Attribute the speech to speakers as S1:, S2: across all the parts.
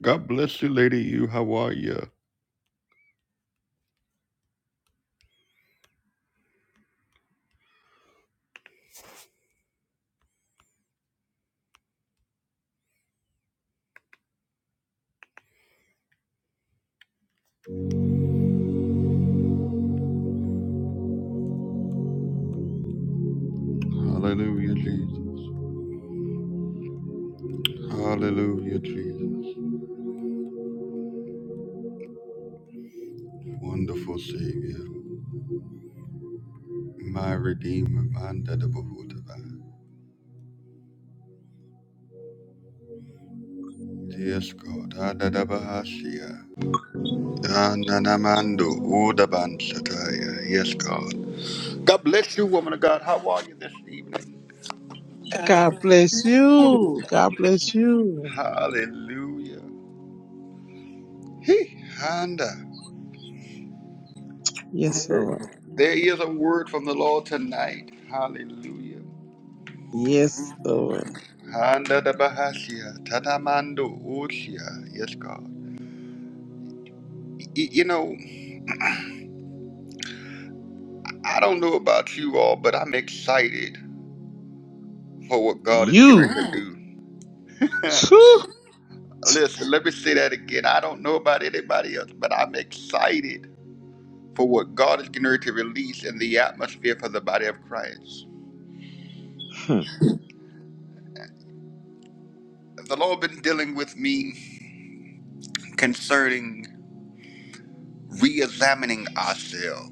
S1: God bless you, Lady You. How are you? Hallelujah, Jesus. Hallelujah, Jesus. Wonderful Savior. My Redeemer, my Dadabahudaba. Yes, God. Adadabahashia. Dananamando Udabansataya. Yes, God. God bless you, woman of God. How are you this evening?
S2: God bless you. God bless you.
S1: Hallelujah. He, Handa.
S2: Yes, Lord.
S1: There is a word from the Lord tonight. Hallelujah.
S2: Yes, Lord.
S1: Handa da Bahasia, Tatamando Usia. Yes, God. Y- y- you know, I don't know about you all, but I'm excited for what God is going to
S2: You.
S1: Amen. do.
S2: Phew.
S1: Listen, let me say that again. I don't know about anybody else, but I'm excited for what God is going to release in the atmosphere for the body of Christ.
S2: Hmm.
S1: The Lord been dealing with me concerning re-examining ourselves.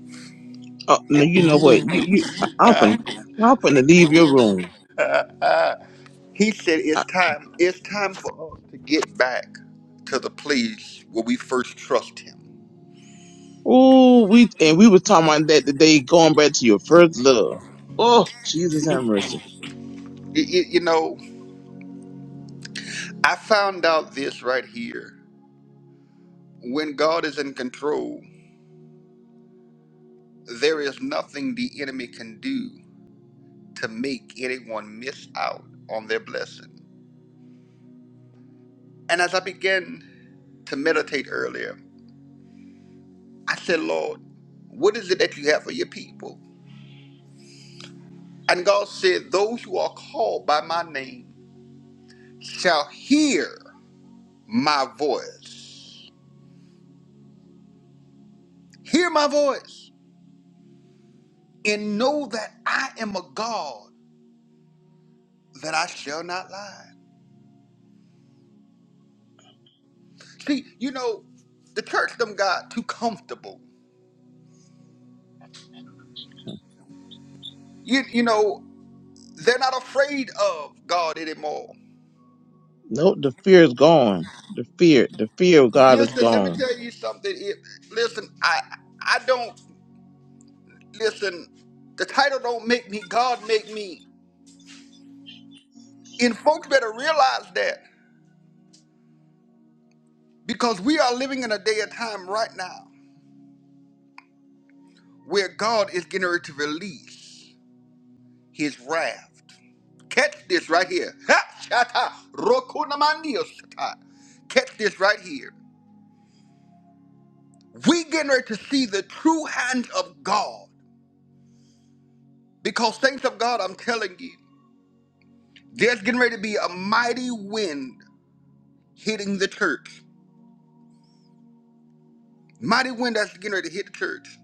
S2: Oh, no, you know what? You, you, I- I'm finna, I'm finna leave your room.
S1: He said
S2: I,
S1: it's time, it's time for us to get back to the place where we first trust him.
S2: oh, we, and we were talking about that today, going back to your first love. Oh, Jesus have mercy.
S1: Y- y- you know, I found out this right here. When God is in control, there is nothing the enemy can do to make anyone miss out on their blessing. And as I began to meditate earlier, I said, Lord, what is it that you have for your people? And God said, Those who are called by my name shall hear my voice. Hear my voice and know that I am a God that I shall not lie. See, you know, the church them got too comfortable. You, you know, they're not afraid of God anymore.
S2: No, the fear is gone. The fear, the fear of God is
S1: Listen, let me
S2: gone.
S1: tell you something. It, listen, I I don't listen. The title don't make me. God make me. And folks better realize that because we are living in a day of time right now where God is getting ready to release His wrath. Catch this right here. Ha! Shata. Rokunamandio shata. Catch this right here. We getting ready to see the true hand of God. Because saints of God, I'm telling you, there's getting ready to be a mighty wind hitting the church. Mighty wind that's getting ready to hit the church.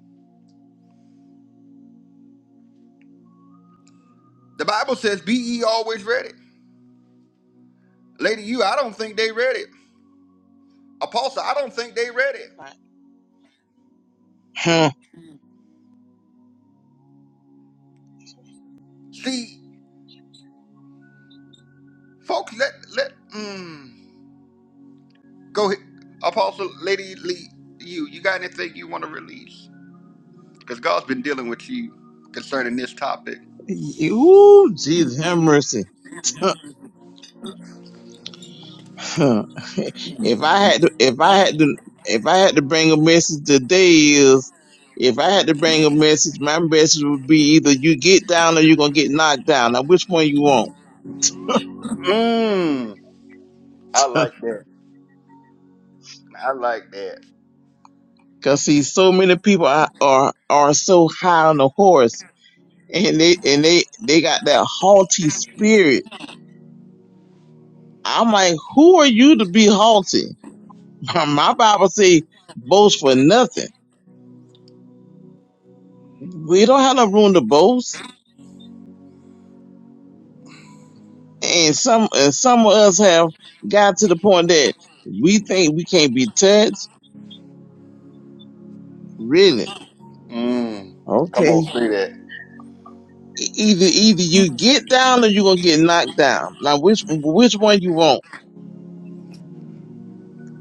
S1: The Bible says, be ye always ready. Lady, you, I don't think they read it. Apostle, I don't think they read it.
S2: Huh?
S1: See, folks, let, let, mm. Go ahead. Apostle Lady Lee, you, you got anything you want to release? Because God's been dealing with you concerning this topic.
S2: Ooh, Jesus have mercy. Huh. if I had to, if I had to, if I had to bring a message today is, if I had to bring a message, my message would be either you get down or you're gonna get knocked down. Now, which one you want?
S1: Mmm. I like that. I like that.
S2: Cause see, so many people are are, are so high on the horse, and they and they they got that haughty spirit. I'm like, who are you to be haughty? My Bible say, boast for nothing. We don't have no room to boast and some and some of us have got to the point that we think we can't be touched. Really?
S1: Mmm. Come
S2: Okay.
S1: on, say that.
S2: E- Either either you get down or you gonna get knocked down. Now which which one you want?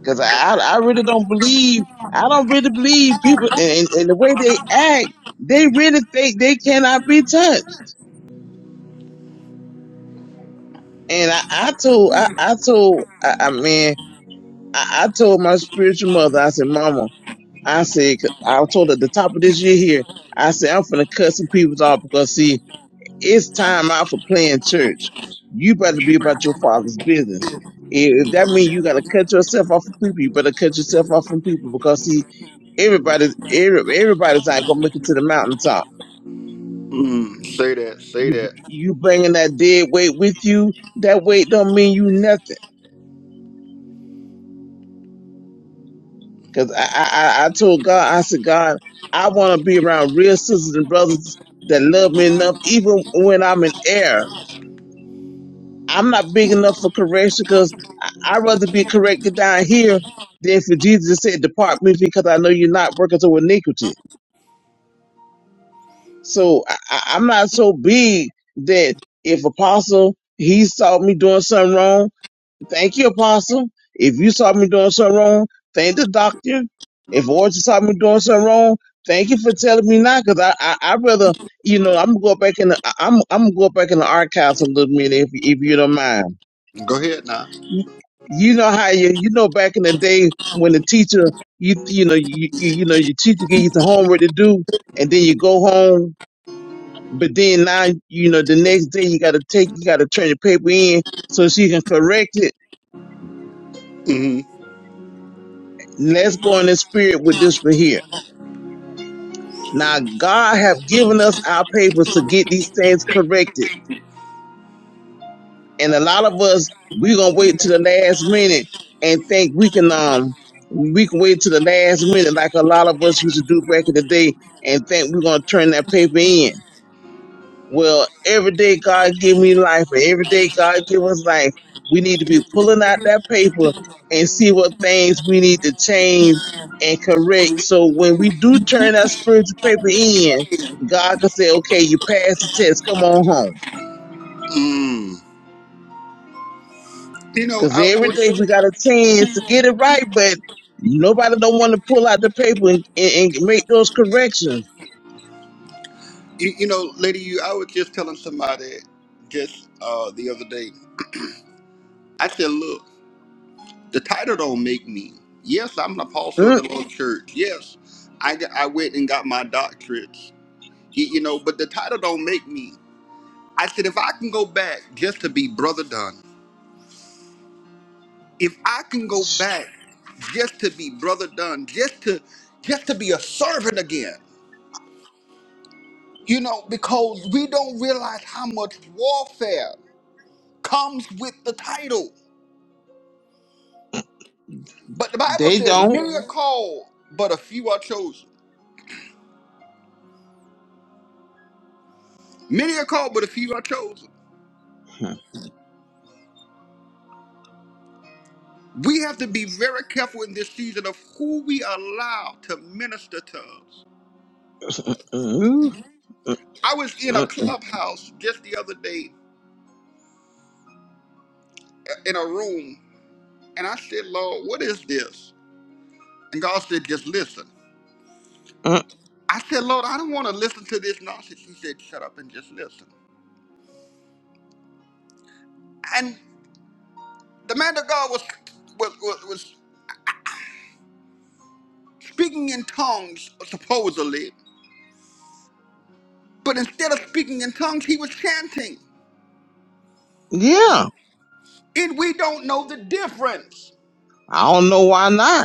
S2: Because I I really don't believe I don't really believe people and, and the way they act, they really think they cannot be touched. And I, I told I, I told I, I mean I, I told my spiritual mother I said Mama I said, 'cause I told her at the top of this year here, I said, I'm going to cut some people off because, see, it's time out for playing church. You better be about your father's business. If if that means you got to cut yourself off from people, you better cut yourself off from people because, see, everybody's every, everybody's not gonna make it to the mountaintop.
S1: Mmm. Say that. Say
S2: You
S1: that.
S2: you bringing that dead weight with you. That weight don't mean you nothing. Cause I, I, I I told God, I said, God, I want to be around real sisters and brothers that love me enough, even when I'm in error. I'm not big enough for correction because I'd rather be corrected down here than for Jesus to say, depart me because I know you're not working to iniquity. So I, I- I'm not so big that if apostle, he saw me doing something wrong, Thank you, Apostle. If you saw me doing something wrong, thank the doctor. If Orchard saw me doing something wrong, thank you for telling me not, because I, I I rather you know I'm gonna go back in the I- I'm I'm gonna go back in the archives a little minute if if you don't mind.
S1: Go ahead now.
S2: You know how you you know back in the day when the teacher you you know you you, you know your teacher give you some homework to do and then you go home, but then now you know the next day you gotta take you gotta turn your paper in so she can correct it
S1: Mm.
S2: Let's go in the spirit with this for here. Now, God have given us our papers to get these things corrected. And a lot of us, we going to wait to the last minute and think we can, um, we can wait to the last minute like a lot of us used to do back in the day and think we're going to turn that paper in. Well, every day God give me life, and every day God give us life, we need to be pulling out that paper and see what things we need to change and correct. So when we do turn that spiritual paper in, God can say, "Okay, you passed the test. Come on home."
S1: Mm. You know,
S2: Because
S1: I, I
S2: every day
S1: was,
S2: we got a chance to get it right, but nobody don't want to pull out the paper and, and, and make those corrections.
S1: you, you know, lady, you, I was just telling somebody just uh, the other day. I said, look. The title don't make me. Yes, I'm an apostle in
S2: Mm,
S1: the Lord's church. Yes, I, got- I went and got my doctorates. You, you know, but the title don't make me. I said, if I can go back just to be brother done, if I can go back just to be brother done, just to just to be a servant again, you know, because we don't realize how much warfare comes with the title. But the Bible
S2: they
S1: says,
S2: don't.
S1: many are called, but a few are chosen. Many are called, but a few are chosen.
S2: Mm,
S1: We have to be very careful in this season of who we allow to minister to us.
S2: mm, mm, mm.
S1: I was in a
S2: mm,
S1: clubhouse just the other day in a room, and I said, Lord, what is this? And God said, just listen.
S2: mm.
S1: I said, Lord, I don't want to listen to this nonsense. He said, shut up and just listen. And the man of God was, was, was, was speaking in tongues, supposedly, but instead of speaking in tongues, he was chanting.
S2: Yeah,
S1: And we don't know the difference.
S2: I don't know why not.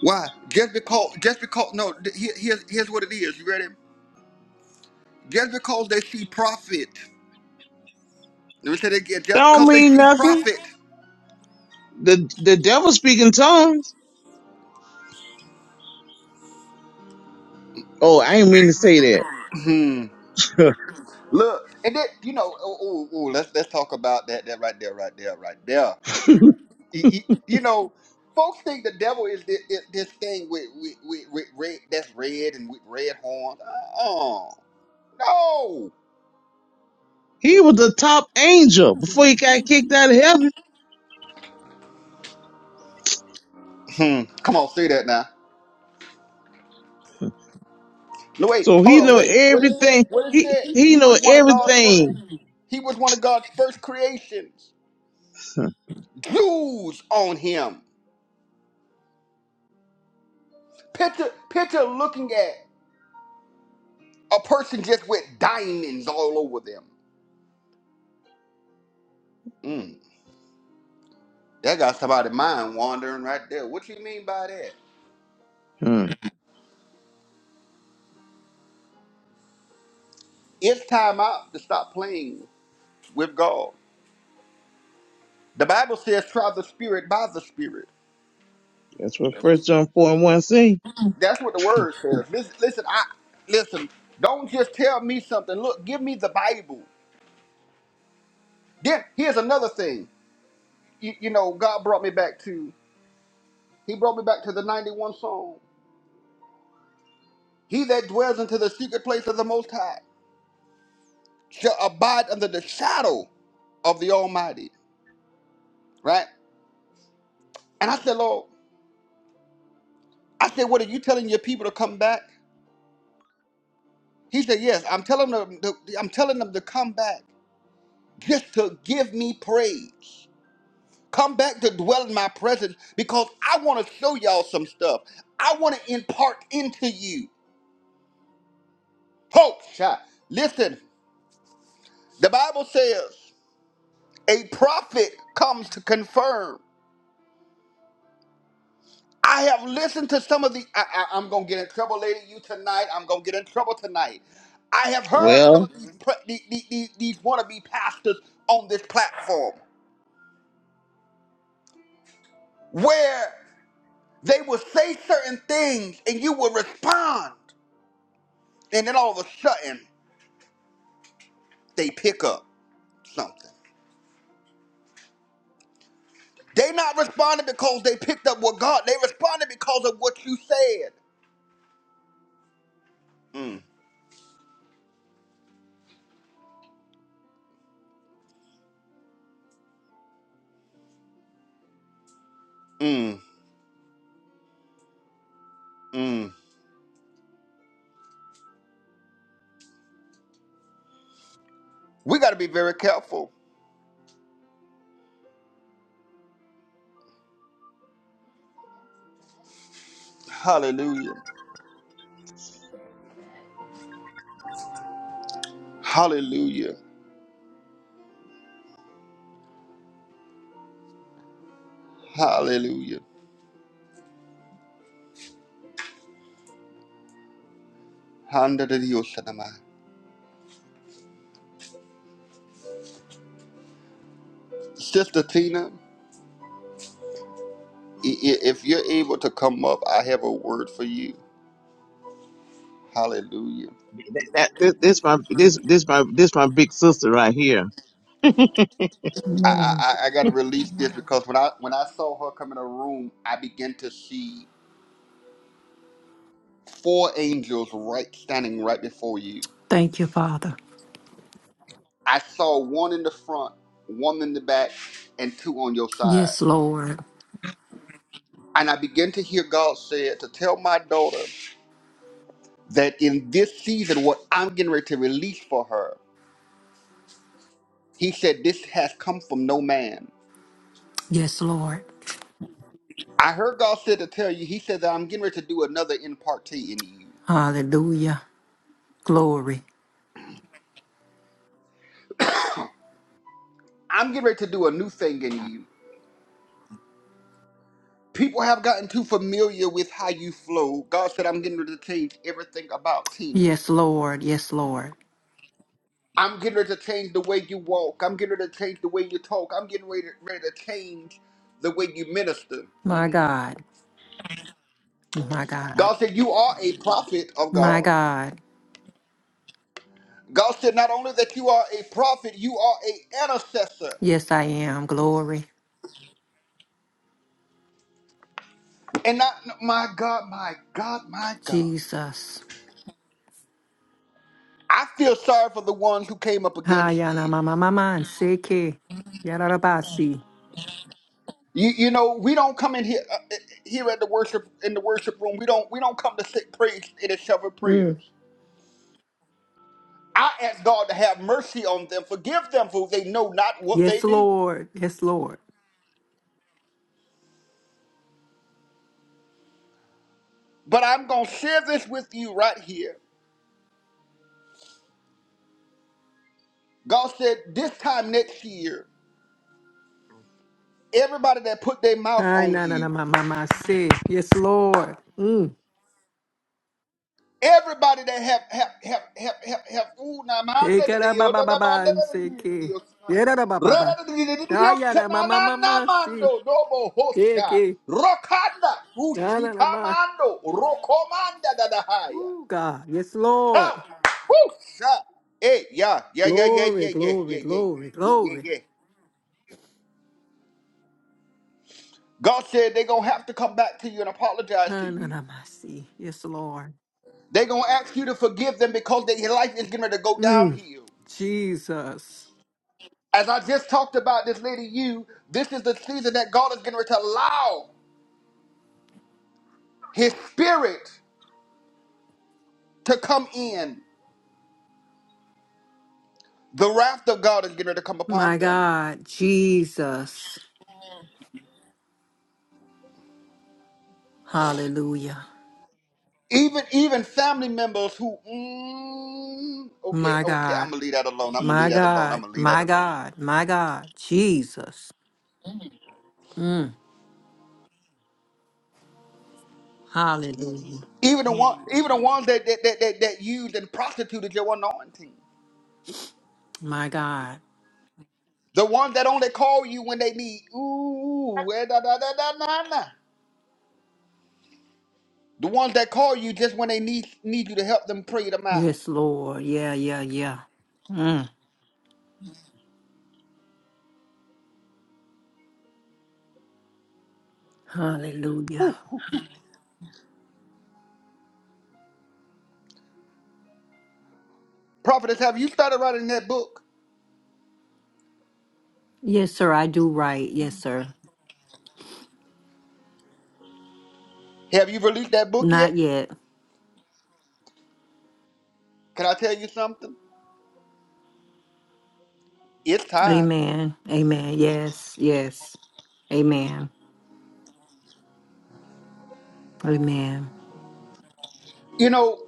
S1: Why? Just because, just because, no, th- here, here's, here's what it is. You ready? Just because they see profit. Let me say that again.
S2: That
S1: Just
S2: don't
S1: because they
S2: mean
S1: see
S2: nothing.
S1: profit.
S2: The the devil speak in tongues. Oh, I ain't mean to say
S1: Hmm.
S2: that.
S1: Look, and then, you know, oh, oh, oh, let's, let's talk about that, that right there, right there, right there. E- e- You know, folks think the devil is this, this thing with, with, with, with red, that's red and with red horns. Oh, no.
S2: he was the top angel before he got kicked out of heaven.
S1: Hmm. Come on, say that now. No, wait,
S2: So
S1: hold
S2: he
S1: on,
S2: know
S1: wait. What is
S2: everything.
S1: that? What is
S2: He
S1: that?
S2: he
S1: He
S2: know
S1: was one of God's first.
S2: everything.
S1: He was one of God's first creations. Jewels on him. Picture, picture looking at a person just with diamonds all over them. Mm, that got somebody's mind wandering right there. What you mean by that?
S2: Hmm.
S1: It's time out to stop playing with God. The Bible says, "Try the Spirit by the Spirit."
S2: That's what First John four and one say.
S1: That's what the word says. Listen, listen, I listen. Don't just tell me something. Look, give me the Bible. Then here's another thing. You, you know, God brought me back to. He brought me back to the 91 Psalm. He that dwells into the secret place of the Most High shall abide under the shadow of the Almighty. Right? And I said, Lord, I said, what are you telling your people to come back? He said, Yes, I'm telling them to, I'm telling them to come back just to give me praise. Come back to dwell in my presence because I want to show y'all some stuff. I want to impart into you. Folks, child, listen, the Bible says a prophet comes to confirm. I have listened to some of the. I, I, am gonna get in trouble, lady. You tonight. I'm gonna get in trouble tonight. I have heard some
S2: Well,
S1: of these pre- the- the- the- these wannabe pastors on this platform where they will say certain things and you will respond, and then all of a sudden they pick up something. They not responded because they picked up what God. They responded because of what you said. Mm, mm, mm. We got to be very careful. Hallelujah. Hallelujah. Hallelujah. Handa de Dios, Shanama. Sister Tina, i- i- if you're able to come up, I have a word for you. Hallelujah.
S2: that this, this my this this my this my big sister right here.
S1: I, I,
S3: Amen.
S1: I I gotta release this because when I when I saw her come in the room, I began to see four angels right standing right before you.
S3: Thank you, Father.
S1: I saw one in the front, one in the back, and two on your side.
S3: Yes, Lord.
S1: And I began to hear God say to tell my daughter that in this season, what I'm getting ready to release for her He said, This has come from no man.
S3: Yes, Lord.
S1: I heard God said to tell you, He said that I'm getting ready to do another in in you.
S3: Hallelujah. Glory.
S1: I'm getting ready to do a new thing in you. People have gotten too familiar with how you flow. God said, I'm getting ready to change everything about Tina.
S3: Yes, Lord. Yes, Lord.
S1: I'm getting ready to change the way you walk. I'm getting ready to change the way you talk. I'm getting ready, ready to change the way you minister.
S3: My
S1: Mhm.
S3: God. My God.
S1: God said, You are a prophet of
S3: My
S1: God.
S3: God.
S1: God said, Not only that you are a prophet, you are a intercessor.
S3: Yes, I am. Glory.
S1: And I, my God, my God, my God.
S3: Jesus.
S1: I feel sorry for the ones who came up
S3: Ha,
S1: against
S3: yana
S1: you.
S3: mama mama and seke. Yarabasi.
S1: You, you know, we don't come in here uh, uh, here at the worship in the worship room. We don't we don't come to sit praise in and to shovel
S3: Mm.
S1: prayers. I ask God to have mercy on them, forgive them for they know not what they
S3: Yes,
S1: do.
S3: Lord. Yes, Lord.
S1: But I'm gonna share this with you right here. God said this time next year, everybody that put their mouth
S3: Ay,
S1: on
S3: na na na
S1: you.
S3: mama se. Yes, Lord. Mm.
S1: Everybody that have have have have have have ooh, na manda de
S3: Ekara
S1: Dios,
S3: baba
S1: da da manda
S3: baba
S1: de Dios, de
S3: nseke.
S1: Dios,
S3: Yera na baba
S1: ra
S3: baba.
S1: da de de de Dios,
S3: Ayana
S1: na
S3: mama
S1: na na
S3: mama si.
S1: mando, dobo hosha,
S3: Eke.
S1: rokanda,
S3: na na na
S1: ushita
S3: ma.
S1: mando, rokomanda da da haya.
S3: Oh God. Yes, Lord.
S1: Come, whoosha, hey, yeah, yeah, yeah, yeah,
S3: Glory,
S1: yeah, yeah, yeah,
S3: glory,
S1: yeah,
S3: glory,
S1: yeah, yeah,
S3: glory.
S1: yeah. God said they're gonna have to come back to you and apologize to
S3: Na na
S1: you.
S3: na ma, si. Yes, Lord.
S1: They're gonna ask you to forgive them because their life is gonna go
S3: Mm.
S1: downhill.
S3: Jesus.
S1: As I just talked about this lady, you, this is the season that God is getting ready to allow His Spirit to come in. The wrath of God is getting ready to come
S3: My
S1: upon them.
S3: God. Jesus. Hallelujah.
S1: Even even family members who, mm, okay,
S3: My
S1: okay, I'm
S3: God.
S1: gonna leave that alone. I'm gonna leave
S3: My
S1: that alone. I'm
S3: God.
S1: gonna leave that
S3: My
S1: alone.
S3: God. My God. Jesus. Mm. Hallelujah.
S1: Even the one, even the ones that that that that, that used and prostituted your anointing.
S3: My God.
S1: The ones that only call you when they need, ooh, eh, da da da da na na. The ones that call you just when they need need you to help them pray them out.
S3: Yes, Lord. Yeah, yeah, yeah. Mm. Hallelujah.
S1: Prophetess, have you started writing that book?
S3: Yes, sir. I do right. Yes, sir.
S1: Have you released that book yet?
S3: Not yet.
S1: Can I tell you something? It's time.
S3: Amen. Amen. Yes, yes. Amen. Amen.
S1: You know,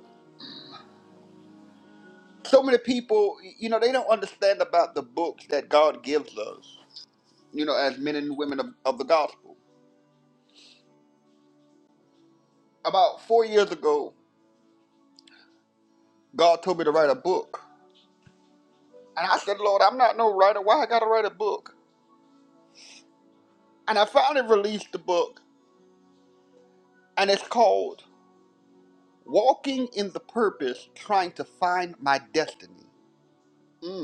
S1: so many people, you know, they don't understand about the books that God gives us, you know, as men and women of, of the gospel. About four years ago, God told me to write a book. And I said, Lord, I'm not no writer. Why I got to write a book? And I finally released the book, and it's called Walking in the Purpose Trying to Find My Destiny. Mm.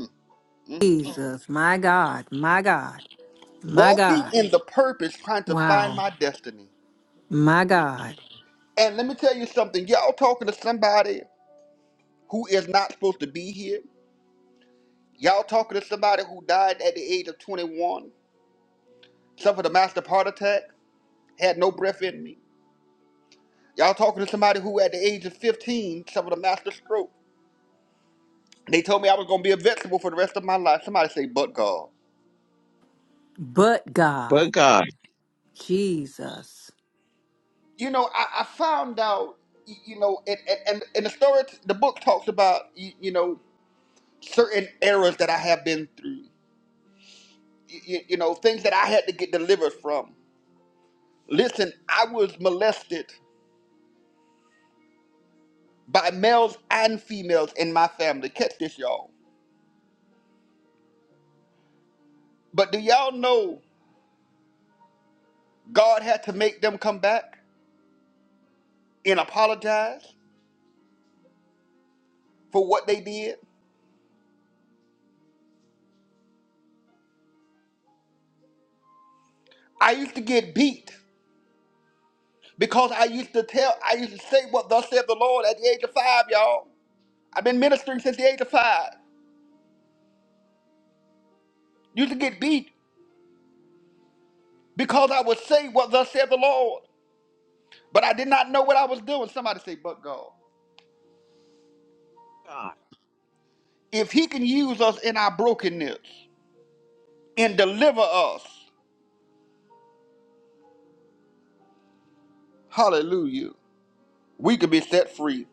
S3: Jesus, my God, my God, my
S1: walking
S3: God.
S1: in the purpose trying to find
S3: Wow.
S1: my destiny.
S3: My God.
S1: And let me tell you something, y'all talking to somebody who is not supposed to be here. Y'all talking to somebody who died at the age of 21, suffered a massive heart attack, had no breath in me. Y'all talking to somebody who at the age of 15 suffered a massive stroke. They told me I was gonna be a vegetable for the rest of my life. Somebody say, but God.
S3: But God.
S2: But God.
S3: Jesus.
S1: You know, I, I found out, y- you know, and, and, and and the story, the book talks about, y- you know, certain eras that I have been through. you, you know, things that I had to get delivered from. Listen, I was molested by males and females in my family. Catch this, y'all. But do y'all know God had to make them come back and apologize for what they did? I used to get beat because I used to tell, I used to say what thus said the Lord at the age of five, y'all. I've been ministering since the age of five. Used to get beat because I would say what thus said the Lord, but I did not know what I was doing. Somebody say, but God. If he can use us in our brokenness and deliver us, hallelujah, we can be set free.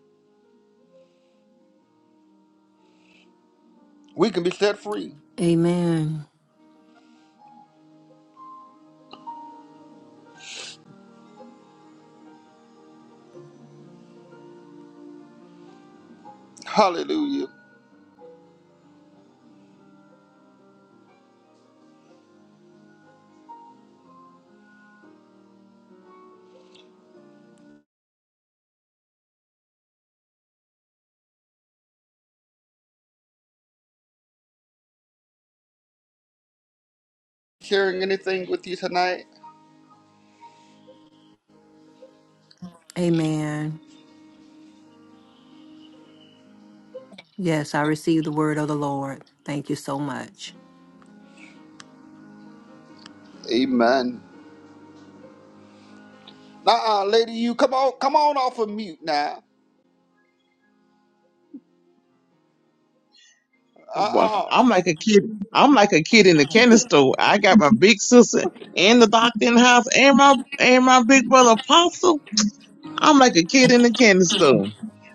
S1: We can be set free.
S3: Amen.
S1: Hallelujah. Sharing anything with you tonight?
S3: Amen. Yes, I receive the word of the Lord. Thank you so much.
S1: Amen. Uh-uh, lady, you come on, come on off of mute now.
S2: Boy,
S1: Uh-uh.
S2: I'm like a kid. I'm like a kid in the candy store. I got my big sister and the doctor in the house and my and my big brother Apostle. I'm like a kid in the candy store.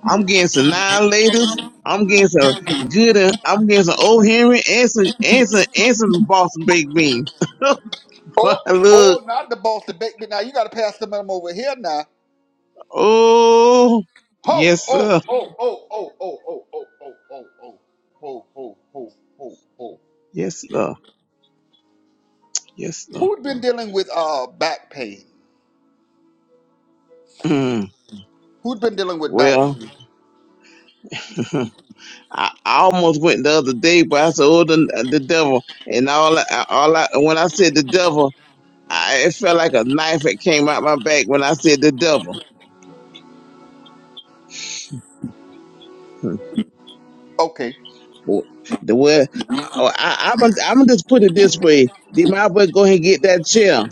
S2: I'm getting some nine laters. I'm getting some good. uh, I'm getting some old Henry and some and some and some Boston baked beans. Boy,
S1: Oh,
S2: look,
S1: oh, not the boss to bake me now. You gotta pass the them over here now.
S2: oh
S1: Ho,
S2: yes
S1: oh,
S2: sir,
S1: oh, oh, oh, oh, oh, oh, oh, oh, oh, ho, ho, ho, ho, ho, ho.
S2: yes sir, yes sir.
S1: who has been dealing with uh back pain?
S2: Mm,
S1: Who's been dealing with back?
S2: well. I, I almost went the other day, but I said, "Oh, the, the devil!" And all, I, all I, when I said the devil, I, it felt like a knife that came out my back when I said the devil. Hmm.
S1: Okay,
S2: Well, The way oh, I, I'm, I'm just put it this way: Did my well go ahead and get that chair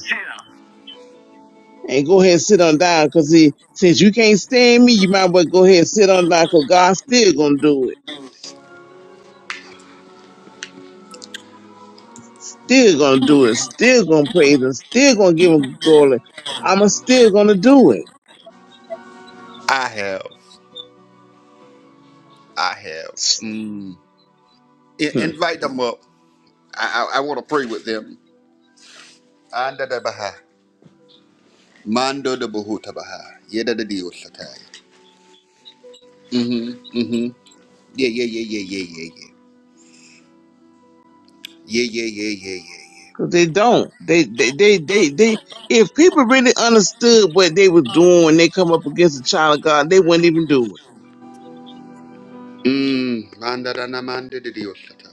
S2: and go ahead and sit on down? Cause he, since you can't stand me, you might as well go ahead and sit on down. Cause God's still gonna do it, still gonna do it, still gonna praise him, still gonna give him glory. I'm still gonna do it.
S1: I have. I have. Mm. I-
S2: Hmm.
S1: invite them up. I, I, I want to pray with them. Anda da baha. Mando da buhuta baha. Yeda da dio satai. Mm-hmm. Mm-hmm. Yeah, yeah, yeah, yeah, yeah, yeah, yeah. Yeah, yeah, yeah, yeah, yeah, yeah.
S2: Cause they don't. They, they, they, they, they, if people really understood what they were doing when they come up against a child of God, they wouldn't even do it.
S1: Mm. Manda da na manda da dio satai.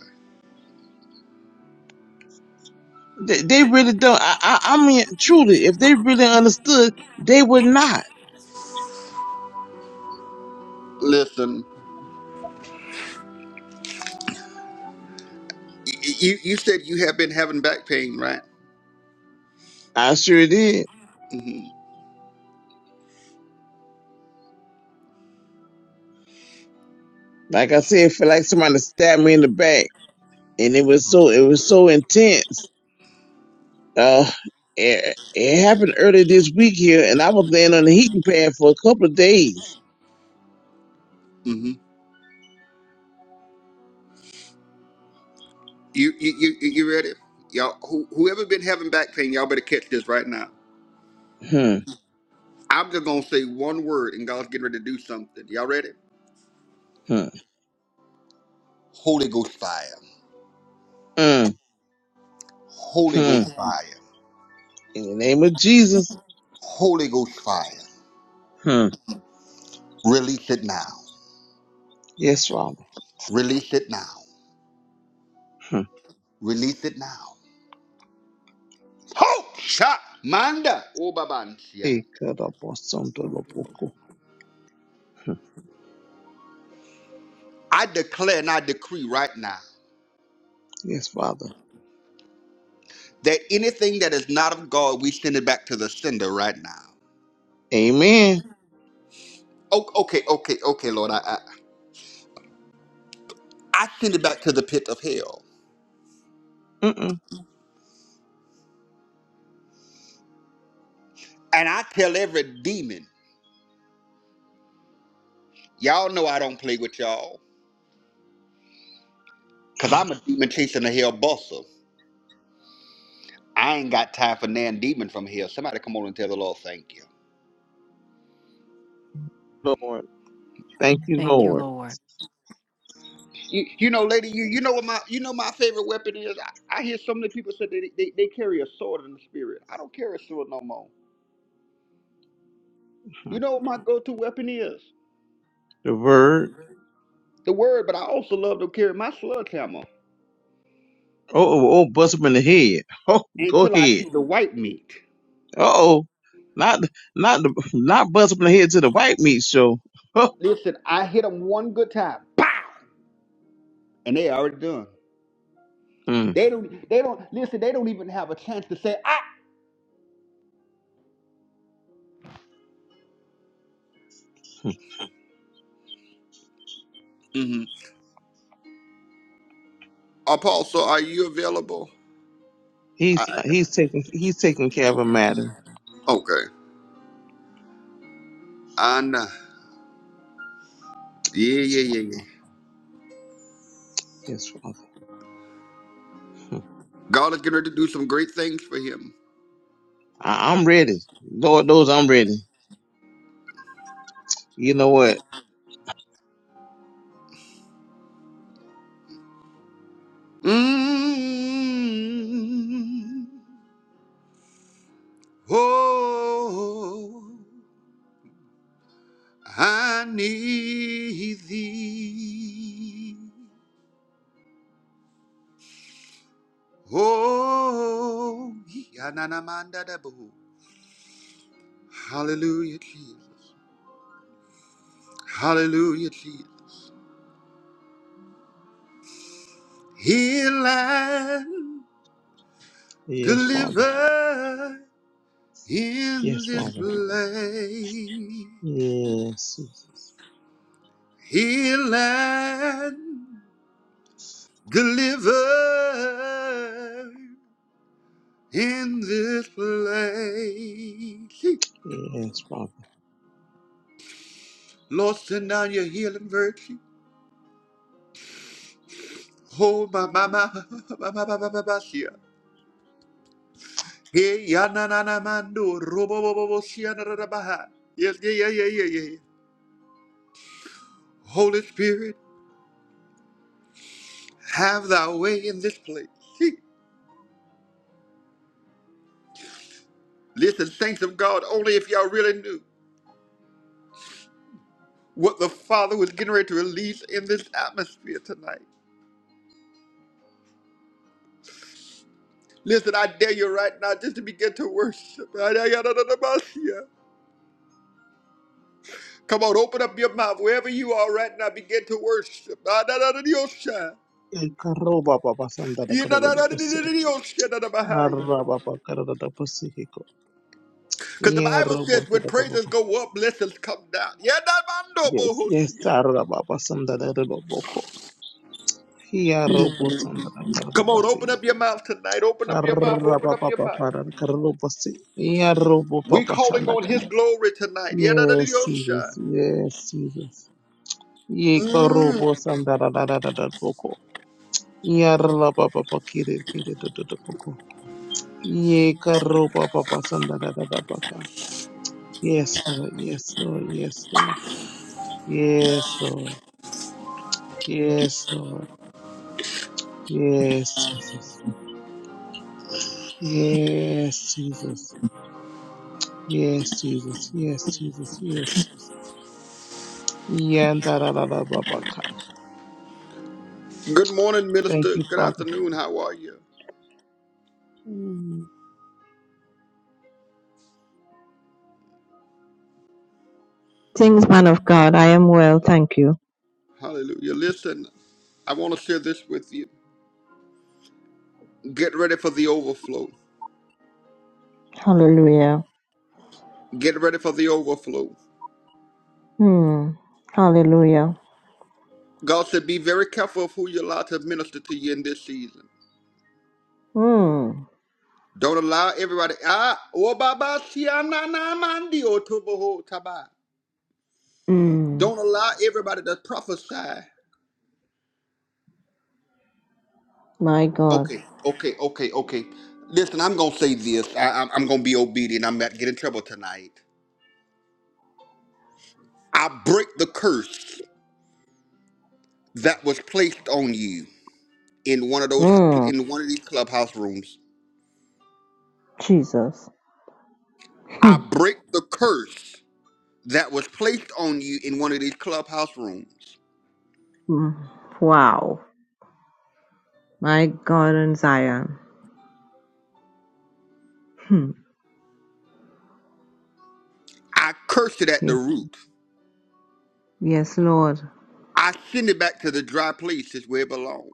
S2: They, they really don't. I, I, I mean, truly, if they really understood, they would not.
S1: Listen, y- y- you, you said you have been having back pain, right?
S2: I sure did.
S1: Mm-hmm.
S2: Like I said, it felt like somebody stabbed me in the back and it was so, it was so intense. Uh, it, it happened earlier this week here and I was laying on the heating pad for a couple of days.
S1: Mm-hmm. You, you, you, you ready? Y'all, who, whoever been having back pain, y'all better catch this right now.
S2: Hmm,
S1: I'm just gonna say one word, and God's getting ready to do something. Y'all ready?
S2: hmm,
S1: Holy Ghost fire.
S2: hmm,
S1: Holy
S2: hmm.
S1: Ghost Mhm. fire.
S2: In the name of Jesus.
S1: Holy Ghost fire.
S2: Hmm.
S1: Release it now.
S2: Yes, Father.
S1: Release it now.
S2: Hmm.
S1: Release it now. Ho! Shot! Manda! Obabansia.
S2: Ikadabasandalaboko. Hmm.
S1: I declare and I decree right now
S2: Yes, Father.
S1: that anything that is not of God, we send it back to the sender right now.
S2: Amen.
S1: O- Okay, okay, okay, Lord. I, I, I send it back to the pit of hell.
S2: Mm-mm.
S1: And I tell every demon, y'all know I don't play with y'all. Cause I'm a demon chasing a hell buster. I ain't got time for nan demon from hell. Somebody come on and tell the Lord thank you.
S2: Lord. Thank you,
S3: Thank you,
S2: Lord.
S3: Lord.
S1: You, you know, lady, you, you know what my you know my favorite weapon is. I, I hear so many people say that they, they they carry a sword in the spirit. I don't carry a sword no more.
S2: Hmm.
S1: You know what my go-to weapon is?
S2: The word.
S1: The word, but I also love to carry my sledgehammer
S2: Oh, oh, oh, buzz up in the head. Oh, go
S1: until I
S2: ahead.
S1: see the white meat.
S2: Uh oh. Not, not, the, not bust up in the head to the white meat show. Huh.
S1: Listen, I hit them one good time, and they already done.
S2: Hmm.
S1: They don't. They don't. Listen, they don't even have a chance to say, "I." Mm-hmm. Apostle, are you available?
S2: He's,
S1: I,
S2: he's taking, he's taking care of a matter.
S1: okay. And uh, yeah,
S2: Yes,
S1: yeah,
S2: Father.
S1: yeah, yeah.
S2: Yes, Father. Hmm.
S1: God is getting ready to do some great things for him.
S2: I, I'm ready. Lord knows I'm ready. You know what?
S1: mm Oh, I need thee. Oh, yeah, hallelujah, Jesus. Hallelujah, Jesus. Heal and
S2: Yes, Father.
S1: deliver. In
S2: Yes,
S1: this
S2: Father.
S1: place,
S2: Yes.
S1: Healed and deliver. In this place,
S2: Yes, Father.
S1: Lord, send down your healing virtue. Oh, my, my, my, my, my, my, my, my, my, shia. Hey, ya, na, na, na, mando, robo, bo, bo, bo, shia, na, na, na, baha. Yes, yeah, yeah, yeah, yeah, yeah. Holy Spirit, have thy way in this place. Hey, Listen, saints of God, only if y'all really knew. what the Father was getting ready to release in this atmosphere tonight. Listen, I dare you right now just to begin to worship. Come on, open up your mouth wherever you are right now. Begin to worship. Because
S2: Ekaroba Baba Sanda da Karolo Pussy. Arra Baba Karada da Pussy Hiko.
S1: the Bible
S2: Yerobo
S1: says
S2: to
S1: when
S2: the Baba.
S1: praises go up, blessings come down. Yeah, nah, nah, nah, nah, nah, nah,
S2: Yes,
S1: nah,
S2: yes,
S1: nah.
S2: Arra Baba Sanda da Rolo Boko. Yerobo Sanda da Karada
S1: Come on, open
S2: Bassi.
S1: up your mouth tonight. Open up your mouth.
S2: Arra
S1: Open up your
S2: Baba
S1: mouth.
S2: Para Karolo Pussy. Yerobo
S1: We
S2: Papa
S1: calling on
S2: Sandaka.
S1: His glory tonight.
S2: Yes, Jesus. Yes, Jesus. Yekorobo Sanda da da da da da Boko. Yarla Baba Kiri Kiri to the Boko. Ye karoba papa sanda da da da baka. Yes, Lord. Yes, Lord. Yes, Lord. Yes, Lord. Yes, Lord. Yes, Jesus. Yes, Jesus. Yes, Jesus. Yes, Jesus. Yes, Jesus. Yanda da da da ba baka.
S1: Good morning,
S2: Thank
S1: minister.
S2: you,
S1: Good
S2: Father.
S1: afternoon. How are you?
S2: Mm.
S4: Greetings, man of God. I am well, thank you.
S1: Hallelujah. Listen, I want to share this with you. Get ready for the overflow.
S4: Hallelujah.
S1: Get ready for the overflow.
S4: Hmm. Hallelujah.
S1: God said, be very careful of who you allow to minister to you in this season.
S4: Hmm.
S1: Don't allow everybody. Ah, oh, baba, si, ah, na, na, mandi, oh, tubo, ho, taba.
S4: Hmm.
S1: Don't allow everybody to prophesy.
S4: My God.
S1: Okay, okay, okay, okay. Listen, I'm going to say this. I, I'm, I'm going to be obedient. I'm going to get in trouble tonight. I break the curse that was placed on you in one of those
S4: Hmm.
S1: in one of these clubhouse rooms.
S4: Jesus.
S1: I
S4: Hmm.
S1: break the curse that was placed on you in one of these clubhouse rooms.
S4: Hmm. Wow. My God and Zion. Hmm.
S1: I curse it at
S4: Ye-
S1: the root.
S4: Yes, Lord.
S1: I send it back to the dry places where it belongs.